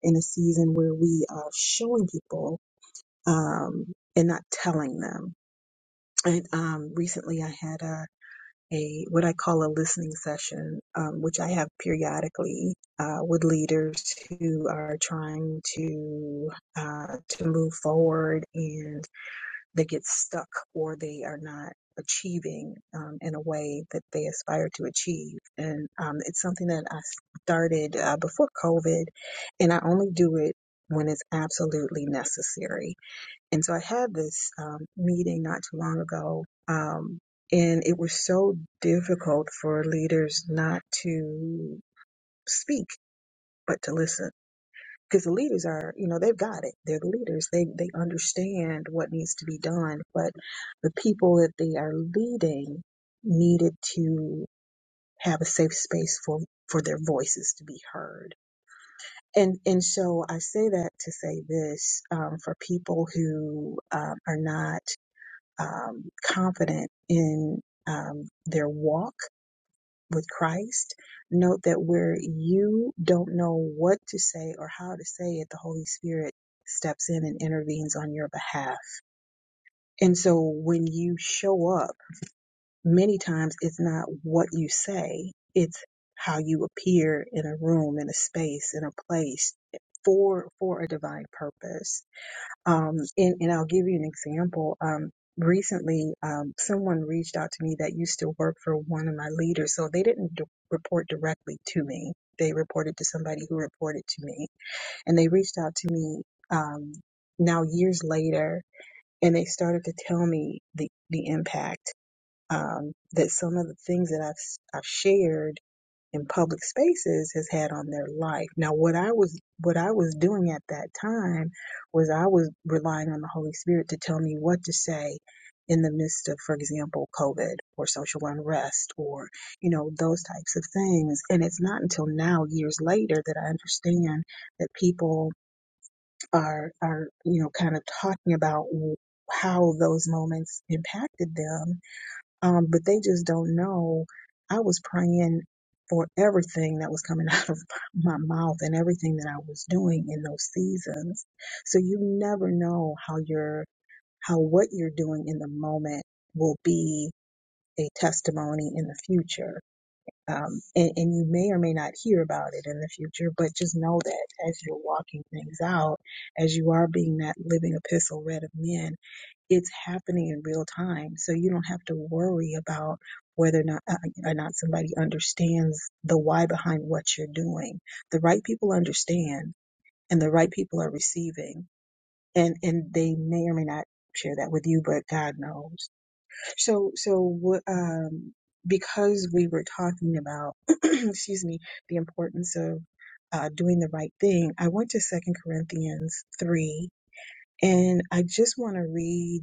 [SPEAKER 9] in a season where we are showing people um, and not telling them. And um, recently, I had a, a what I call a listening session, um, which I have periodically uh, with leaders who are trying to uh, to move forward and they get stuck or they are not achieving um, in a way that they aspire to achieve. And um, it's something that I started uh, before COVID, and I only do it when it's absolutely necessary and so I had this um, meeting not too long ago, um, and it was so difficult for leaders not to speak, but to listen. Because the leaders are, you know, they've got it. They're the leaders. They they understand what needs to be done, but the people that they are leading needed to have a safe space for for their voices to be heard. And and so I say that to say this um, for people who um, are not um, confident in um, their walk with Christ. Note that where you don't know what to say or how to say it, the Holy Spirit steps in and intervenes on your behalf. And so when you show up, many times it's not what you say, it's how you appear in a room, in a space, in a place for for a divine purpose. Um, and, and I'll give you an example. Um, recently, um, someone reached out to me that used to work for one of my leaders. So they didn't d- report directly to me. They reported to somebody who reported to me and they reached out to me, um, now years later and they started to tell me the, the impact, um, that some of the things that I've, s- I've shared in public spaces has had on their life. Now, what I was what I was doing at that time was I was relying on the Holy Spirit to tell me what to say in the midst of, for example, COVID or social unrest or you know those types of things. And it's not until now, years later, that I understand that people are are you know kind of talking about how those moments impacted them um, but they just don't know. I was praying for everything that was coming *laughs* out of my mouth and everything that I was doing in those seasons. So you never know how your how what you're doing in the moment will be a testimony in the future. Um, and, and you may or may not hear about it in the future, but just know that as you're walking things out, as you are being that living epistle read of men, it's happening in real time. So you don't have to worry about whether or not, uh, or not somebody understands the why behind what you're doing. The right people understand and the right people are receiving and, and they may or may not share that with you, but God knows. So, so, what, um, because we were talking about, *clears throat* excuse me, the importance of uh, doing the right thing, I went to Second Corinthians 3 and I just want to read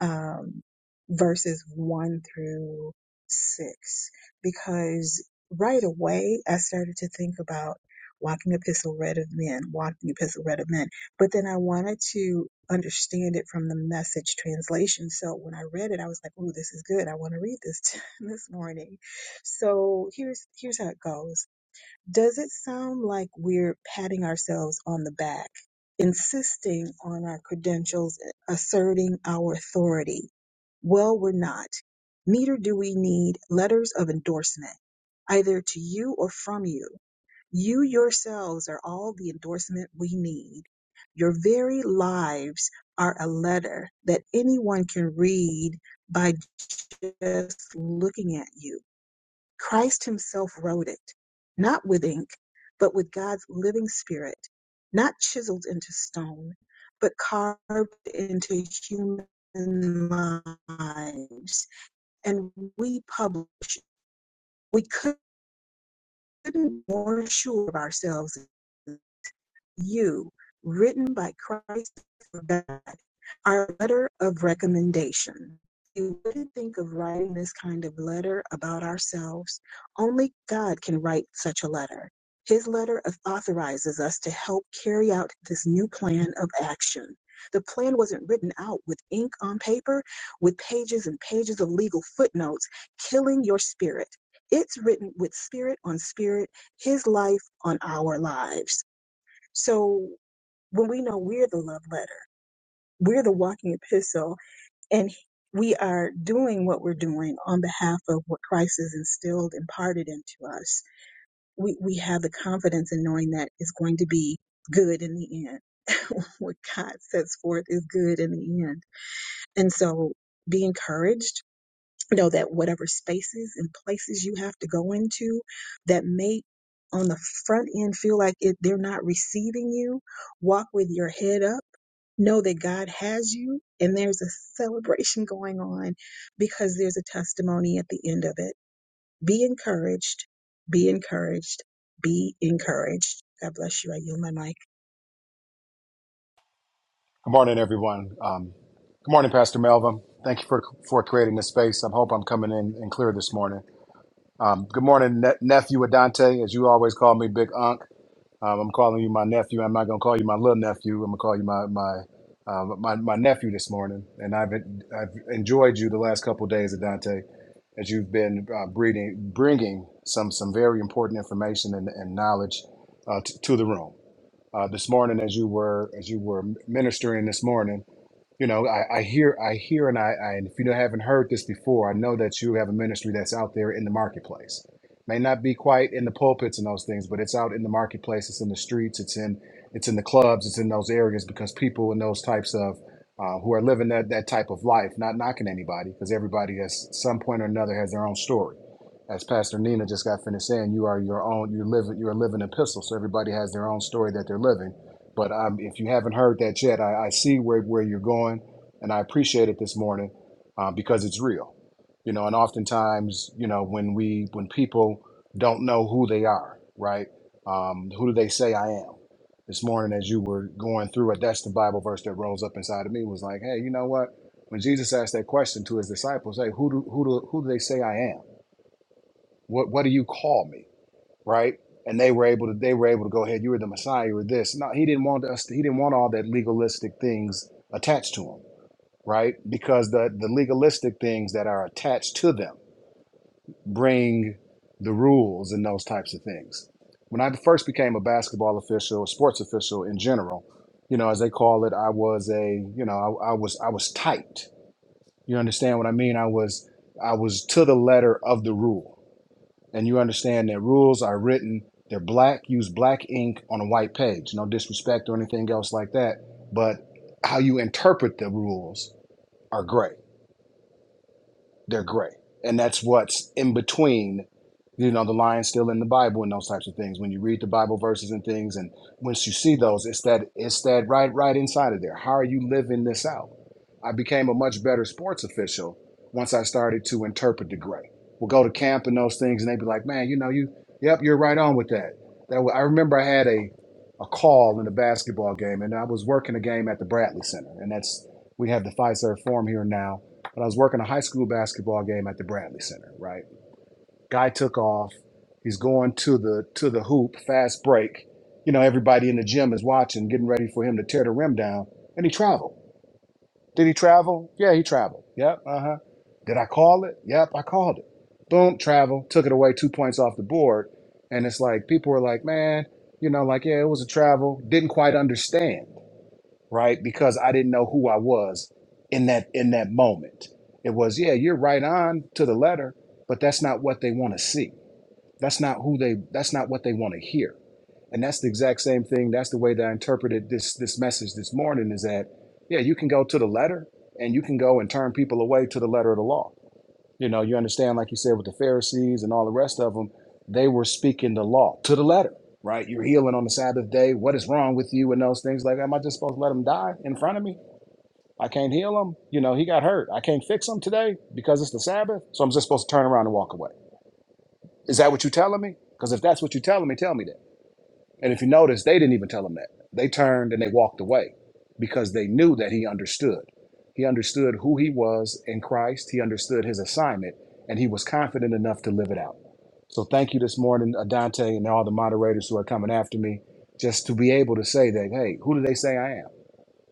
[SPEAKER 9] um, verses 1 through 6 because right away I started to think about walking epistle read of men, walking epistle read of men. But then I wanted to understand it from the message translation. So when I read it, I was like, oh, this is good. I want to read this *laughs* this morning. So here's here's how it goes. Does it sound like we're patting ourselves on the back, insisting on our credentials, asserting our authority? Well, we're not. Neither do we need letters of endorsement, either to you or from you. You yourselves are all the endorsement we need. Your very lives are a letter that anyone can read by just looking at you. Christ himself wrote it, not with ink, but with God's living spirit, not chiseled into stone, but carved into human lives. And we publish, we couldn't be more sure of ourselves you, written by Christ for God, our letter of recommendation. You wouldn't think of writing this kind of letter about ourselves. Only God can write such a letter. His letter authorizes us to help carry out this new plan of action. The plan wasn't written out with ink on paper, with pages and pages of legal footnotes, killing your spirit. It's written with spirit on spirit, his life on our lives. So when we know we're the love letter, we're the walking epistle, and we are doing what we're doing on behalf of what Christ has instilled, imparted into us, we, we have the confidence in knowing that it's going to be good in the end. *laughs* what God sets forth is good in the end. And so be encouraged know that whatever spaces and places you have to go into that may on the front end feel like it, they're not receiving you, walk with your head up. Know that God has you, and there's a celebration going on because there's a testimony at the end of it. Be encouraged, be encouraged, be encouraged. God bless you. I yield my mic.
[SPEAKER 10] Good morning, everyone. Um, good morning, Pastor Melvin. Thank you for for creating this space. I hope I'm coming in and clear this morning. Um, good morning, ne- nephew Adante. As you always call me, Big Unc. Um, I'm calling you my nephew. I'm not gonna call you my little nephew. I'm gonna call you my my uh, my, my nephew this morning. And I've I've enjoyed you the last couple of days, Adante, as you've been uh, breeding, bringing some some very important information and, and knowledge uh, t- to the room. Uh, this morning, as you were as you were ministering this morning you know, I, I hear, I hear, and I, I, and if you haven't heard this before, I know that you have a ministry that's out there in the marketplace. May not be quite in the pulpits and those things, but it's out in the marketplace. It's in the streets. It's in, it's in the clubs. It's in those areas because people in those types of, uh, who are living that that type of life, not knocking anybody, because everybody has some point or another has their own story. As Pastor Nina just got finished saying, you are your own. You live. You are a living epistle. So everybody has their own story that they're living but um, if you haven't heard that yet, I, I see where, where you're going, and I appreciate it this morning uh, because it's real. You know, and oftentimes, you know, when we when people don't know who they are, right? Um, who do they say I am? This morning, as you were going through it, that's the Bible verse that rose up inside of me. Was like, hey, you know what? When Jesus asked that question to his disciples, hey, who do who do who do they say I am? What what do you call me? right? And they were able to they were able to go ahead. You were the Messiah. You were this. No, he didn't want us. He didn't want all that legalistic things attached to him, right? Because the the legalistic things that are attached to them bring the rules and those types of things. When I first became a basketball official, a sports official in general, you know, as they call it, I was a you know I, I was I was tight. You understand what I mean? I was I was to the letter of the rule and you understand that rules are written they're black use black ink on a white page no disrespect or anything else like that but how you interpret the rules are gray they're gray. And that's what's in between, you know, the line still in the Bible and those types of things. When you read the Bible verses and things, and once you see those, it's that it's that right right inside of there. How are you living this out? I became a much better sports official once I started to interpret the gray. We'll go to camp and those things, and they'd be like, "Man, you know, you, yep, you're right on with that." That I remember I had a a call in a basketball game, and I was working a game at the Bradley Center, and that's we have the Fiserv Forum here now, but I was working a high school basketball game at the Bradley Center, right? Guy took off. He's going to the to the hoop, fast break. You know, everybody in the gym is watching, getting ready for him to tear the rim down. And he traveled. Did he travel? Yeah, he traveled. Yep, uh-huh. Did I call it? Yep, I called it. Boom, travel, took it away two points off the board. And it's like people were like, man, you know, like, yeah, it was a travel. Didn't quite understand right? Because I didn't know who I was in that in that moment. It was, yeah, you're right on to the letter, but that's not what they want to see. That's not who they that's not what they want to hear. And that's the exact same thing. That's the way that I interpreted this this message this morning is that yeah, you can go to the letter and you can go and turn people away to the letter of the law you know, you understand, like you said, with the Pharisees and all the rest of them, they were speaking the law to the letter, right? You're healing on the Sabbath day. What is wrong with you? And those things like, am I just supposed to let him die in front of me? I can't heal him. You know, he got hurt. I can't fix him today because it's the Sabbath. So I'm just supposed to turn around and walk away. Is that what you're telling me? Because if that's what you're telling me, tell me that. And if you notice, they didn't even tell him that. They turned and they walked away because they knew that he understood. He understood who he was in Christ, he understood his assignment, and he was confident enough to live it out. So thank you this morning, Adante, and all the moderators who are coming after me, just to be able to say that, hey, who do they say I am?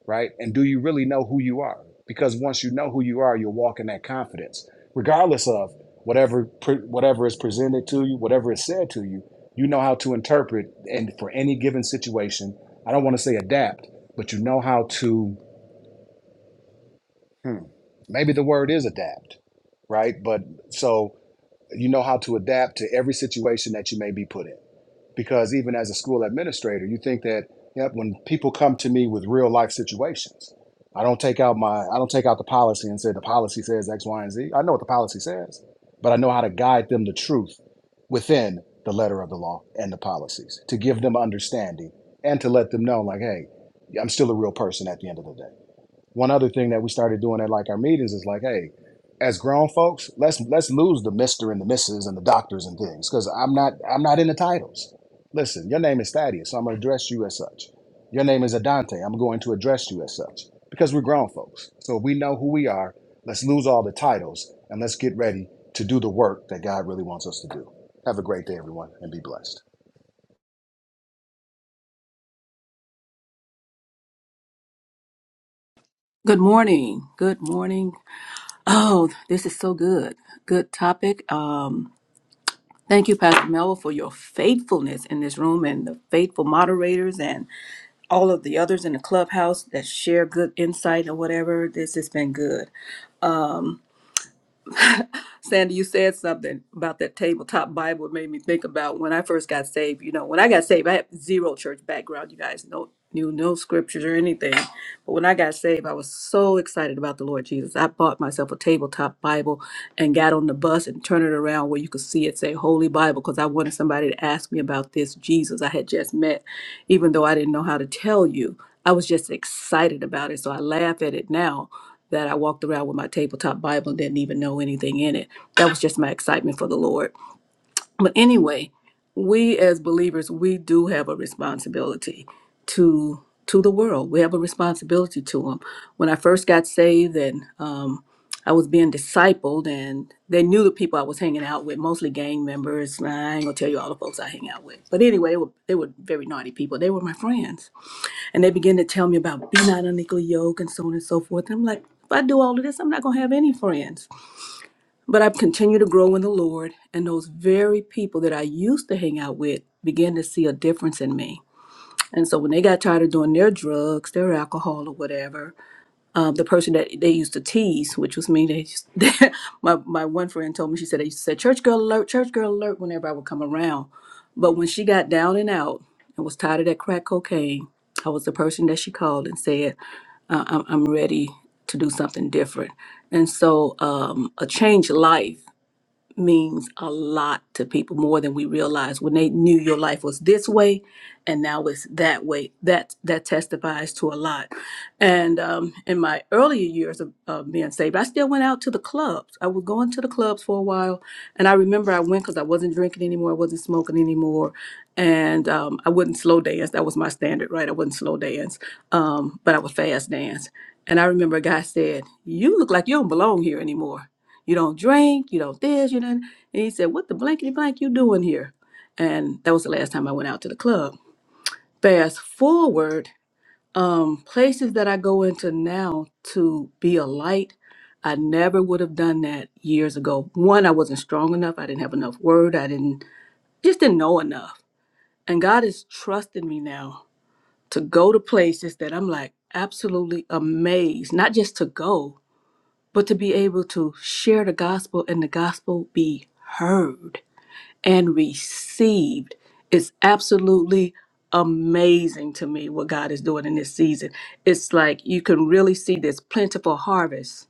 [SPEAKER 10] right? And do you really know who you are? Because once you know who you are, you'll walk in that confidence, regardless of whatever pre- whatever is presented to you, whatever is said to you. You know how to interpret, and for any given situation, I don't want to say adapt, but you know how to. Hmm, maybe the word is adapt, right? But so you know how to adapt to every situation that you may be put in because even as a school administrator, you think that yep, when people come to me with real life situations, I don't take out my I don't take out the policy and say the policy says X, Y, and Z. I know what the policy says, but I know how to guide them to truth within the letter of the law and the policies to give them understanding and to let them know like, hey, I'm still a real person at the end of the day one other thing that we started doing at like our meetings is like, hey, as grown folks, let's let's lose the Mister and the Misses and the doctors and things because I'm not I'm not in the titles. Listen, your name is Thaddeus, so I'm going to address you as such. Your name is Adante, I'm going to address you as such because we're grown folks. So we know who we are. Let's lose all the titles and let's get ready to do the work that God really wants us to do. Have a great day, everyone, and be blessed.
[SPEAKER 7] Good morning. Good morning. Oh, this is so good. Good topic. Um, thank you, Pastor Melville, for your faithfulness in this room and the faithful moderators and all of the others in the clubhouse that share good insight or whatever. This has been good. Sandy, you said something about that tabletop Bible. It made me think about when I first got saved. You know, when I got saved, I had zero church background. You guys know, knew no scriptures or anything. But when I got saved, I was so excited about the Lord Jesus. I bought myself a tabletop Bible and got on the bus and turned it around where you could see it say Holy Bible because I wanted somebody to ask me about this Jesus I had just met, even though I didn't know how to tell you. I was just excited about it. So I laugh at it now that I walked around with my tabletop Bible and didn't even know anything in it. That was just my excitement for the Lord. But anyway, we as believers, we do have a responsibility to to the world. We have a responsibility to them. When I first got saved and um, I was being discipled, and they knew the people I was hanging out with, mostly gang members. I ain't gonna tell you all the folks I hang out with, but anyway, they were, they were very naughty people. They were my friends and they begin to tell me about be not unequally yoked and so on and so forth. And I'm like, if I do all of this, I'm not going to have any friends. But I've continued to grow in the Lord, and those very people that I used to hang out with began to see a difference in me. And so when they got tired of doing their drugs, their alcohol, or whatever, um, the person that they used to tease, which was me, they used, *laughs* my, my one friend told me, she said, they used to say, church girl alert, church girl alert, whenever I would come around. But when she got down and out and was tired of that crack cocaine, I was the person that she called and said, I- I'm, I'm ready to do something different. And so, um, a changed life means a lot to people more than we realize when they knew your life was this way and now it's that way that that testifies to a lot and um, in my earlier years of, of being saved i still went out to the clubs i was going to the clubs for a while and i remember i went because i wasn't drinking anymore i wasn't smoking anymore and um, i wouldn't slow dance that was my standard right i wouldn't slow dance um, but i would fast dance and i remember a guy said you look like you don't belong here anymore you don't drink, you don't this, you don't. And he said, What the blankety blank you doing here? And that was the last time I went out to the club. Fast forward, um, places that I go into now to be a light, I never would have done that years ago. One, I wasn't strong enough, I didn't have enough word, I didn't just didn't know enough. And God is trusting me now to go to places that I'm like absolutely amazed, not just to go, but to be able to share the gospel and the gospel be heard and received is absolutely amazing to me what God is doing in this season. It's like you can really see this plentiful harvest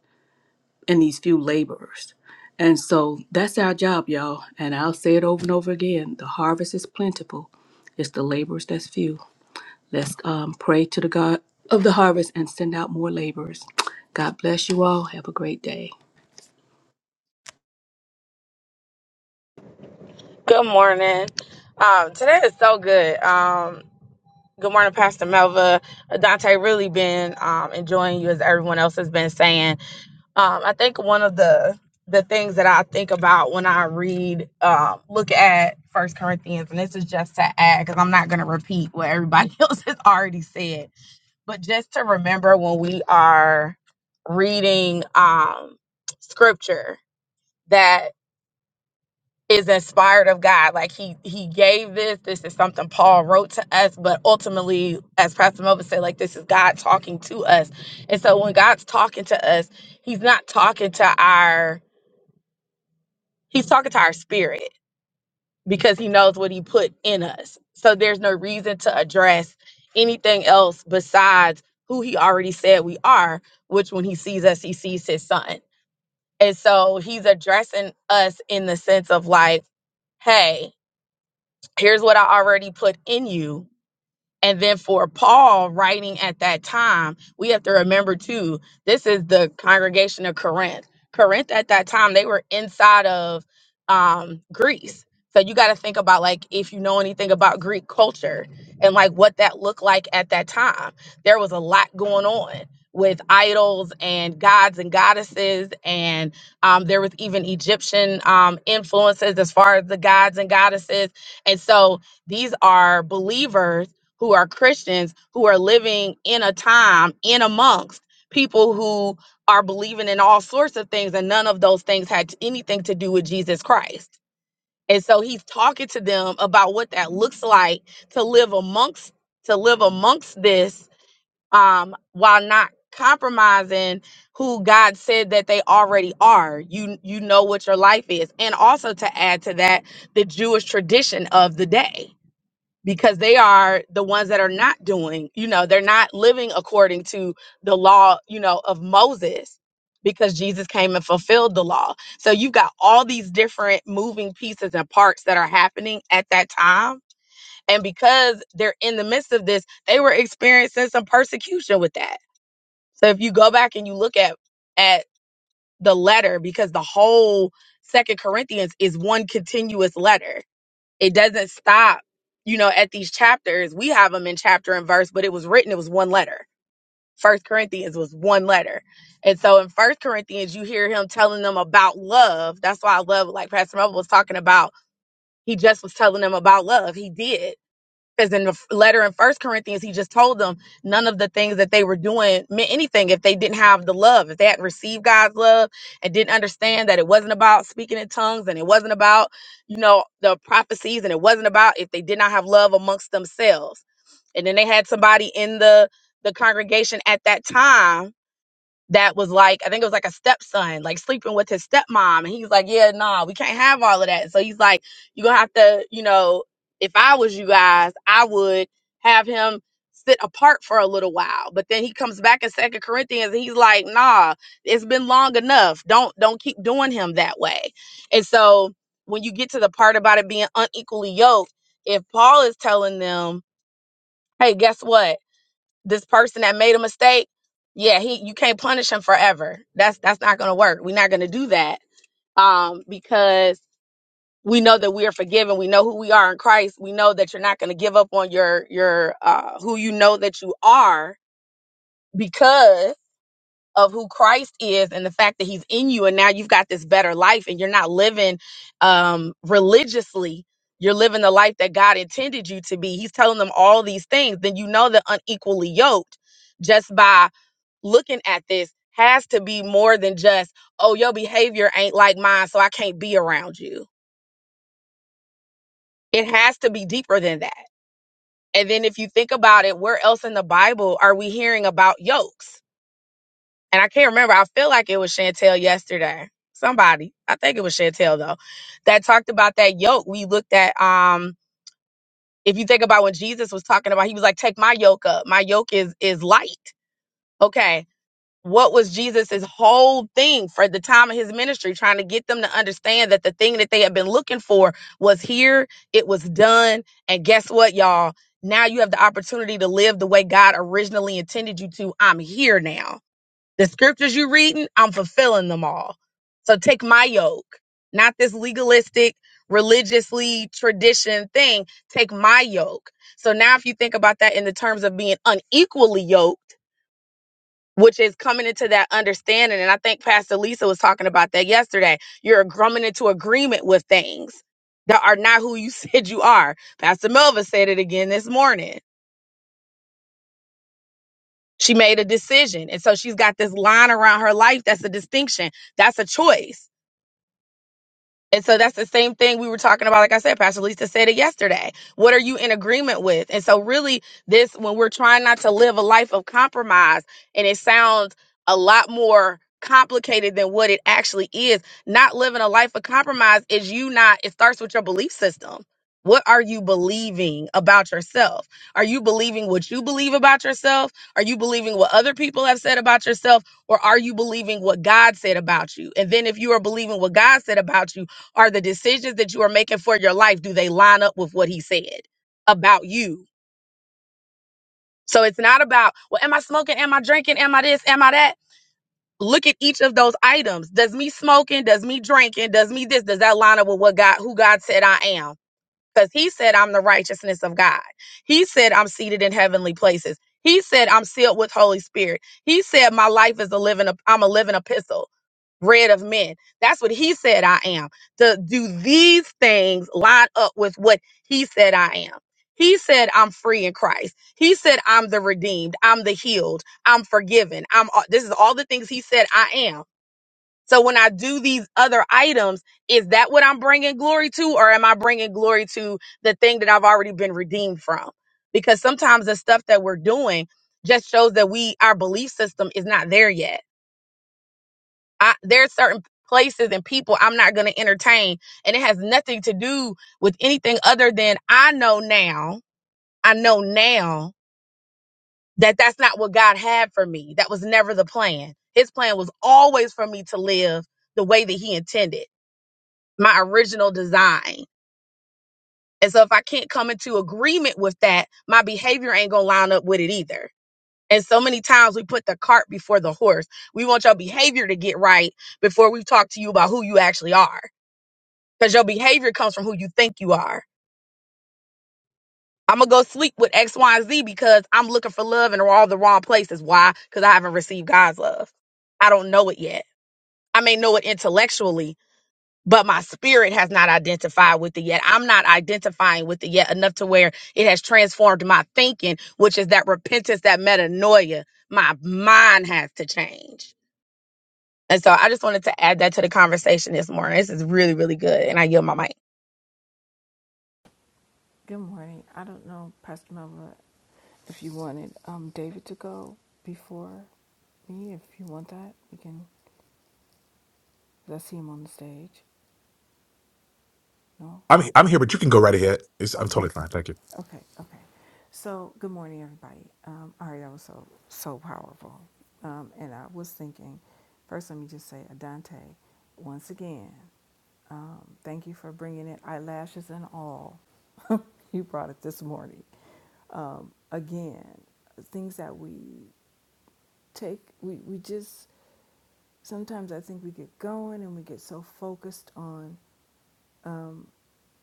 [SPEAKER 7] in these few laborers. And so that's our job, y'all. And I'll say it over and over again the harvest is plentiful, it's the laborers that's few. Let's um, pray to the God of the harvest and send out more laborers. God bless you all. Have a great day.
[SPEAKER 11] Good morning. Um, today is so good. Um, good morning, Pastor Melva. Dante, really been um, enjoying you as everyone else has been saying. Um, I think one of the the things that I think about when I read, um, look at First Corinthians, and this is just to add because I'm not going to repeat what everybody *laughs* else has already said, but just to remember when we are reading um, scripture that is inspired of God. Like he he gave this. This is something Paul wrote to us, but ultimately, as Pastor Melvin said, like this is God talking to us. And so when God's talking to us, he's not talking to our he's talking to our spirit because he knows what he put in us. So there's no reason to address anything else besides who he already said we are, which when he sees us, he sees his son. And so he's addressing us in the sense of like, hey, Here's what I already put in you and then for Paul writing at that time, we have to remember too, this is the congregation of Corinth. Corinth at that time, they were inside of um, Greece. So you got to think about like if you know anything about Greek culture and like what that looked like at that time. There was a lot going on with idols and gods and goddesses and um, there was even Egyptian um, influences as far as the gods and goddesses. And so these are believers who are Christians who are living in a time in amongst people who are believing in all sorts of things, and none of those things had t- anything to do with Jesus Christ. And so he's talking to them about what that looks like to live amongst to live amongst this um, while not compromising who God said that they already are. You you know what your life is, and also to add to that the Jewish tradition of the day because they are the ones that are not doing, you know, they're not living according to the law, you know, of Moses because Jesus came and fulfilled the law. So you've got all these different moving pieces and parts that are happening at that time. And because they're in the midst of this, they were experiencing some persecution with that. So if you go back and you look at at the letter because the whole second Corinthians is one continuous letter it doesn't stop you know at these chapters we have them in chapter and verse but it was written it was one letter first corinthians was one letter and so in first corinthians you hear him telling them about love that's why i love like pastor Mel was talking about he just was telling them about love he did because in the f- letter in First Corinthians, he just told them none of the things that they were doing meant anything if they didn't have the love, if they hadn't received God's love and didn't understand that it wasn't about speaking in tongues and it wasn't about, you know, the prophecies and it wasn't about if they did not have love amongst themselves. And then they had somebody in the the congregation at that time that was like, I think it was like a stepson, like sleeping with his stepmom. And he was like, Yeah, nah, we can't have all of that. So he's like, You're gonna have to, you know, if I was you guys, I would have him sit apart for a little while. But then he comes back in Second Corinthians and he's like, Nah, it's been long enough. Don't don't keep doing him that way. And so when you get to the part about it being unequally yoked, if Paul is telling them, Hey, guess what? this person that made a mistake, yeah, he you can't punish him forever. That's that's not gonna work. We're not gonna do that. Um, because we know that we are forgiven. We know who we are in Christ. We know that you're not gonna give up on your your uh who you know that you are because of who Christ is and the fact that he's in you and now you've got this better life and you're not living um religiously. You're living the life that God intended you to be. He's telling them all these things. Then you know the unequally yoked just by looking at this has to be more than just, oh, your behavior ain't like mine, so I can't be around you. It has to be deeper than that. And then if you think about it, where else in the Bible are we hearing about yokes? And I can't remember. I feel like it was Chantel yesterday. Somebody, I think it was Chantel though, that talked about that yoke. We looked at um if you think about when Jesus was talking about, he was like, "Take my yoke up. My yoke is is light." Okay what was Jesus's whole thing for the time of his ministry, trying to get them to understand that the thing that they had been looking for was here, it was done, and guess what, y'all? Now you have the opportunity to live the way God originally intended you to. I'm here now. The scriptures you're reading, I'm fulfilling them all. So take my yoke, not this legalistic, religiously tradition thing. Take my yoke. So now, if you think about that in the terms of being unequally yoked which is coming into that understanding. And I think Pastor Lisa was talking about that yesterday. You're coming into agreement with things that are not who you *laughs* said you are. Pastor Melva said it again this morning. She made a decision. And so she's got this line around her life that's a distinction, that's a choice. And so that's the same thing we were talking about. Like I said, Pastor Lisa said it yesterday. What are you in agreement with? And so really this, when we're trying not to live a life of compromise and it sounds a lot more complicated than what it actually is, not living a life of compromise is you not, it starts with your belief system. What are you believing about yourself? Are you believing what you believe about yourself? Are you believing what other people have said about yourself? Or are you believing what God said about you? And then if you are believing what God said about you, are the decisions that you are making for your life, do they line up with what he said about you? So it's not about, well, am I smoking? Am I drinking? Am I this? Am I that? Look at each of those items. Does me smoking, does me drinking, does me this, does that line up with what God, who God said I am? Because he said, I'm the righteousness of God. He said, I'm seated in heavenly places. He said, I'm sealed with Holy Spirit. He said, my life is a living, I'm a living epistle, read of men. That's what he said I am. Do, do these things line up with what he said I am? He said, I'm free in Christ. He said, I'm the redeemed. I'm the healed. I'm forgiven. I'm, all- this is all the things he said I am. So when I do these other items, is that what I'm bringing glory to, or am I bringing glory to the thing that I've already been redeemed from? Because sometimes the stuff that we're doing just shows that we our belief system is not there yet. I, there are certain places and people I'm not going to entertain, and it has nothing to do with anything other than I know now. I know now that that's not what God had for me. That was never the plan. His plan was always for me to live the way that He intended. my original design. And so if I can't come into agreement with that, my behavior ain't gonna line up with it either. And so many times we put the cart before the horse. We want your behavior to get right before we talk to you about who you actually are. Because your behavior comes from who you think you are. I'm gonna go sleep with X, Y, and Z because I'm looking for love in all the wrong places. Why? Because I haven't received God's love. I don't know it yet. I may know it intellectually, but my spirit has not identified with it yet. I'm not identifying with it yet enough to where it has transformed my thinking, which is that repentance, that metanoia. My mind has to change. And so I just wanted to add that to the conversation this morning. This is really, really good. And I yield my mic.
[SPEAKER 12] Good morning. I don't know, Pastor Melba, if you wanted um, David to go before me. If you want that, you can. Let's see him on the stage. No?
[SPEAKER 13] I'm I'm here, but you can go right ahead. It's, I'm
[SPEAKER 12] Okay.
[SPEAKER 13] totally fine. Thank you.
[SPEAKER 12] Okay. Okay. So, good morning, everybody. Um, Ari, that was so, so powerful. Um, and I was thinking, first, let me just say, Adante, once again, um, thank you for bringing it, eyelashes and all. *laughs* you brought it this morning. Um, again, things that we take we, we just sometimes i think we get going and we get so focused on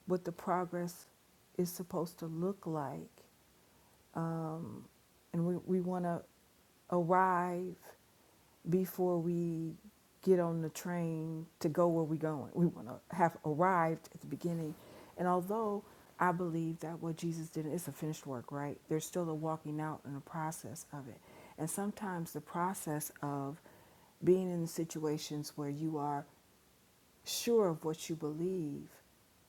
[SPEAKER 12] what the progress is supposed to look like and we, we want to arrive before we get on the train to go where we're going we want to have arrived at the beginning and although i believe that what jesus did is a finished work right there's still a walking out and a process of it and sometimes the process of being in situations where you are sure of what you believe,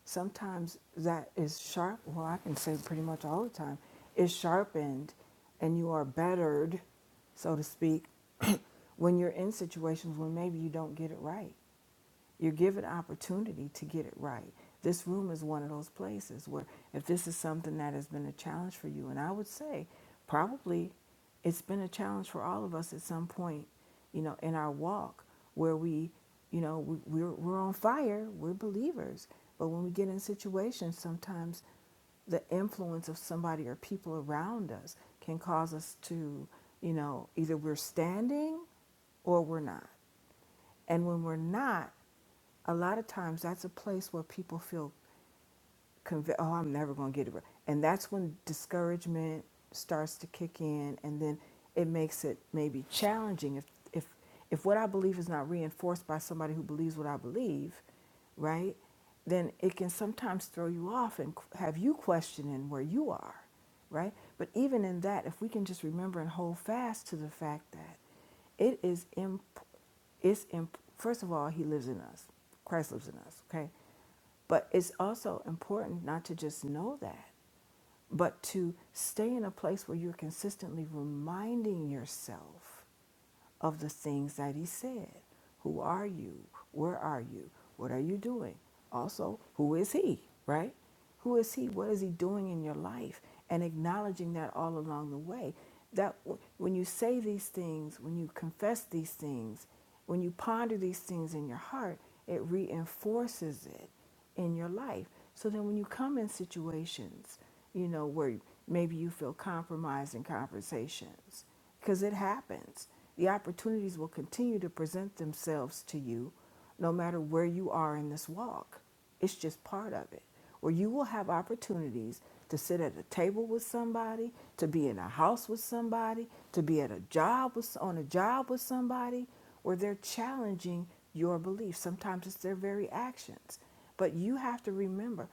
[SPEAKER 12] sometimes that is sharp. Well, I can say pretty much all the time, is sharpened, and you are bettered, so to speak, *clears throat* when you're in situations when maybe you don't get it right. You're given opportunity to get it right. This room is one of those places where if this is something that has been a challenge for you, and I would say probably it's been a challenge for all of us at some point, you know, in our walk where we, you know, we, we're, we're on fire, we're believers. But when we get in situations, sometimes the influence of somebody or people around us can cause us to, you know, either we're standing or we're not. And when we're not, a lot of times that's a place where people feel conv- oh, I'm never going to get it right. And that's when discouragement starts to kick in, and then it makes it maybe challenging if if if what I believe is not reinforced by somebody who believes what I believe, right? Then it can sometimes throw you off and qu- have you questioning where you are, right? But even in that, if we can just remember and hold fast to the fact that it is imp- it's imp- first of all, he lives in us. Christ lives in us, okay? But it's also important not to just know that, but to stay in a place where you're consistently reminding yourself of the things that he said. Who are you? Where are you? What are you doing? Also, who is he, right? Who is he? What is he doing in your life? And acknowledging that all along the way. That w- when you say these things, when you confess these things, when you ponder these things in your heart, it reinforces it in your life. So then when you come in situations, you know, where maybe you feel compromised in conversations, because it happens. The opportunities will continue to present themselves to you no matter where you are in this walk. It's just part of it. Where you will have opportunities to sit at a table with somebody, to be in a house with somebody, to be at a job with, on a job with somebody, where they're challenging your beliefs. Sometimes it's their very actions. But you have to remember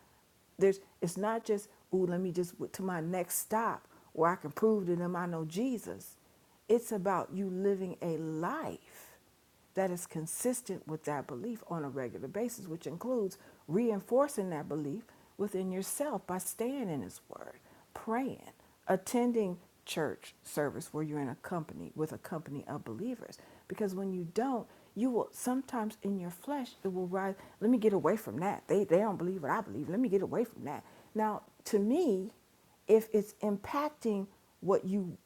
[SPEAKER 12] there's it's not just ooh, let me just to my next stop where I can prove to them I know Jesus. It's about you living a life that is consistent with that belief on a regular basis, which includes reinforcing that belief within yourself by staying in His Word, praying, attending church service where you're in a company with a company of believers because when you don't you will sometimes in your flesh it will rise let me get away from that they they don't believe what i believe let me get away from that now to me if it's impacting what you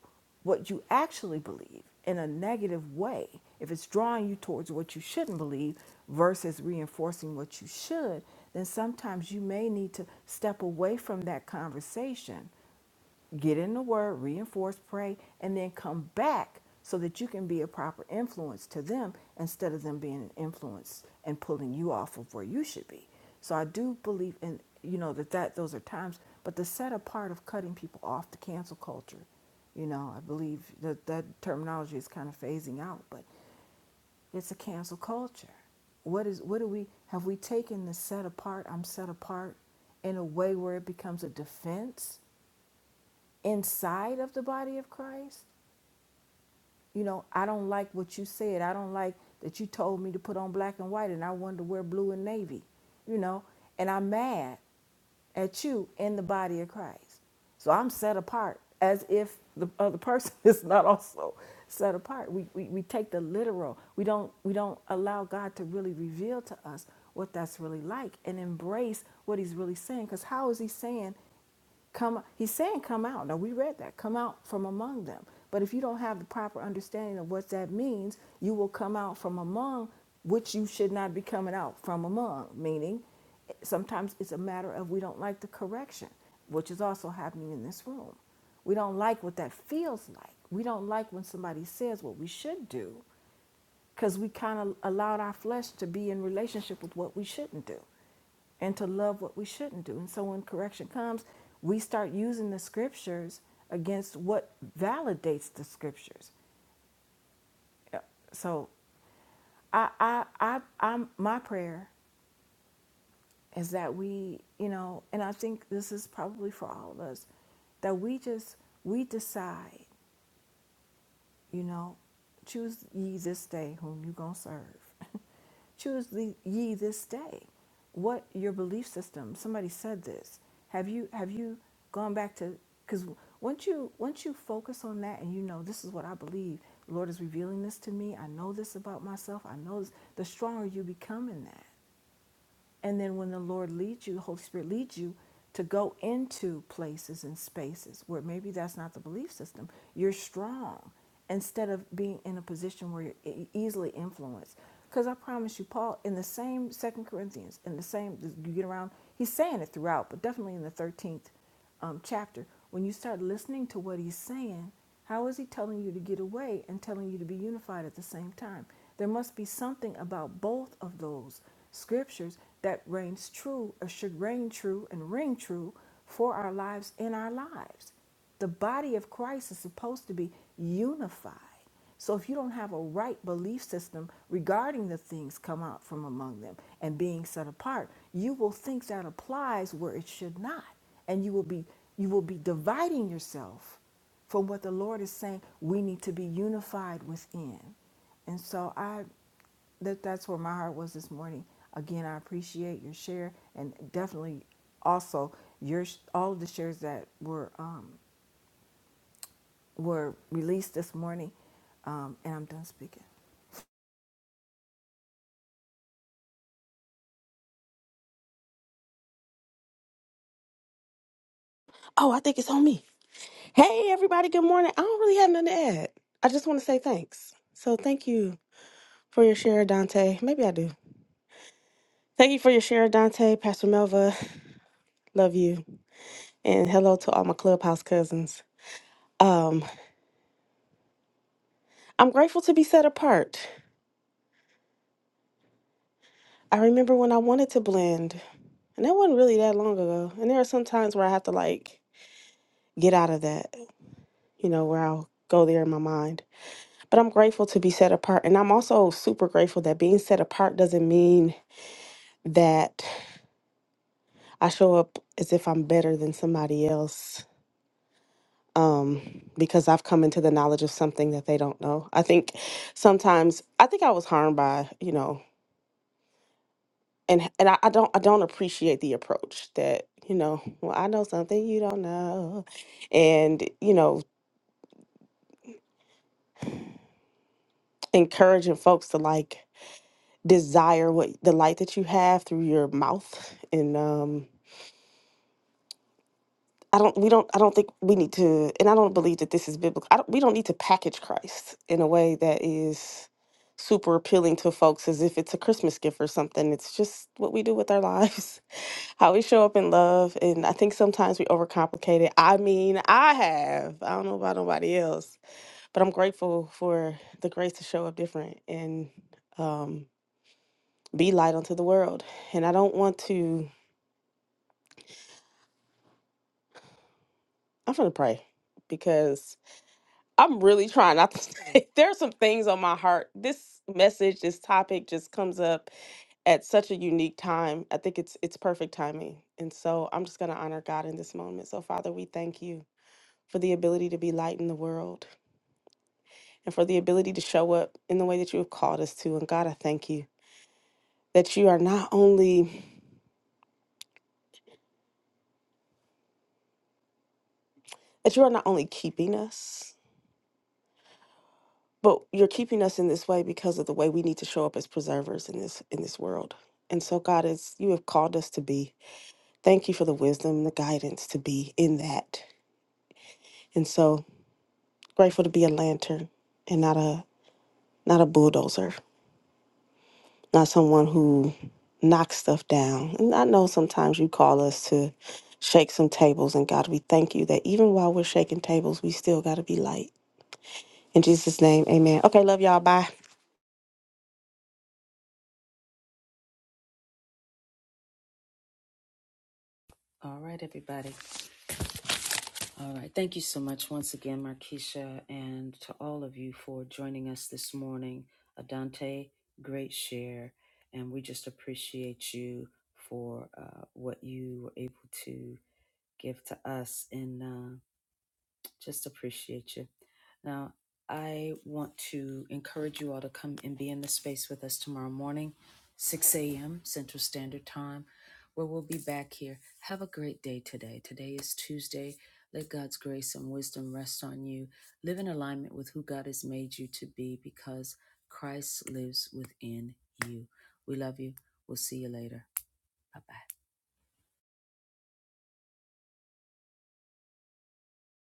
[SPEAKER 12] what you actually believe in a negative way if it's drawing you towards what you shouldn't believe versus reinforcing what you should then sometimes you may need to step away from that conversation get in the word, reinforce, pray, and then come back so that you can be a proper influence to them instead of them being an influence and pulling you off of where you should be. So I do believe in you know that that those are times, but the set apart of cutting people off the cancel culture, you know, I believe that that terminology is kind of phasing out, but it's a cancel culture. What is what do we have we taken the set apart, I'm set apart in a way where it becomes a defense inside of the body of Christ. You know, I don't like what you said. I don't like that you told me to put on black and white and I wanted to wear blue and navy, you know, and I'm mad at you in the body of Christ. So I'm set apart as if the other *laughs* person is not also set apart. We, we, we take the literal. We don't we don't allow God to really reveal to us what that's really like and embrace what he's really saying. Because how is he saying Come, he's saying, come out. Now we read that. Come out from among them. But if you don't have the proper understanding of what that means, you will come out from among which you should not be coming out from among. Meaning, sometimes it's a matter of we don't like the correction, which is also happening in this room. We don't like what that feels like. We don't like when somebody says what we should do because we kind of allowed our flesh to be in relationship with what we shouldn't do and to love what we shouldn't do. And so when correction comes, we start using the scriptures against what validates the scriptures. So I, I, I, I'm, my prayer is that we, you know, and I think this is probably for all of us, that we just, we decide You know, choose ye this day whom you're going to serve. *laughs* choose ye this day what your belief system somebody said this have you have you gone back to because once you once you focus on that and you know this is what i believe the lord is revealing this to me i know this about myself i know this the stronger you become in that and then when the Lord leads you, the Holy Spirit leads you to go into places and spaces where maybe that's not the belief system, you're strong instead of being in a position where you're e- easily influenced. Because I promise you, Paul, in the same Second Corinthians, in the same, you get around, he's saying it throughout, but definitely in the 13th um, chapter, when you start listening to what he's saying, how is he telling you to get away and telling you to be unified at the same time? There must be something about both of those scriptures that reigns true or should reign true and ring true for our lives in our lives. The body of Christ is supposed to be unified. So if you don't have a right belief system regarding the things come out from among them and being set apart, you will think that applies where it should not. And you will be you will be dividing yourself from what the Lord is saying we need to be unified within. And so I that that's where my heart was this morning. Again, I appreciate your share and definitely also your all of the shares that were um, were released this morning. Um, and I'm done speaking.
[SPEAKER 6] Oh, I think it's on me. Hey everybody, good morning. I don't really have nothing to add. I just want to say thanks. So thank you for your share, Dante. Maybe I do. Thank you for your share, Dante. Pastor Melva, love you, and hello to all my clubhouse cousins. Um, I'm grateful to be set apart. I remember when I wanted to blend, and that wasn't really that long ago. And there are some times where I have to like get out of that, you know, where I'll go there in my mind. But I'm grateful to be set apart. And I'm also super grateful that being set apart doesn't mean that I show up as if I'm better than somebody else um, because I've come into the knowledge of something that they don't know. I think sometimes, I think I was harmed by, you know, and, and I, I don't I don't appreciate the approach that you know well I know something you don't know, and you know encouraging folks to like desire what the light that you have through your mouth and um I don't we don't I don't think we need to and I don't believe that this is biblical. I don't we don't need to package Christ in a way that is super appealing to folks as if it's a Christmas gift or something. It's just what we do with our lives. *laughs* How we show up in love and I think sometimes we overcomplicate it. I mean, I have. I don't know about nobody else, but I'm grateful for the grace to show up different and um be light unto the world. And I don't want to I'm gonna pray because I'm really trying not to. *laughs* Say, there are some things on my heart. This message, this topic, just comes up at such a unique time. I think it's it's perfect timing, and so I'm just gonna honor God in this moment. So, Father, we thank you for the ability to be light in the world and for the ability to show up in the way that you have called us to. And God, I thank you that you are not only that you are not only keeping us. But you're keeping us in this way because of the way we need to show up as preservers in this in this world. And so God is you have called us to be. Thank you for the wisdom and the guidance to be in that. And so grateful to be a lantern and not a not a bulldozer, not someone who knocks stuff down. And I know sometimes you call us to shake some tables and God we thank you that even while we're shaking tables, we still gotta be light. In Jesus' name, amen. Okay, love y'all. Bye.
[SPEAKER 1] All right, everybody. All right. Thank you so much once again, Markeisha, and to all of you for joining us this morning. Adante, great share. And we just appreciate you for uh, what you were able to give to us. And just appreciate you. Now, I want to encourage you all to come and be in the space with us tomorrow morning, 6 a.m. Central Standard Time, where we'll be back here. Have a great day today. Today is Tuesday. Let God's grace and wisdom rest on you. Live in alignment with who God has made you to be because Christ lives within you. We love you. We'll see you later. Bye bye.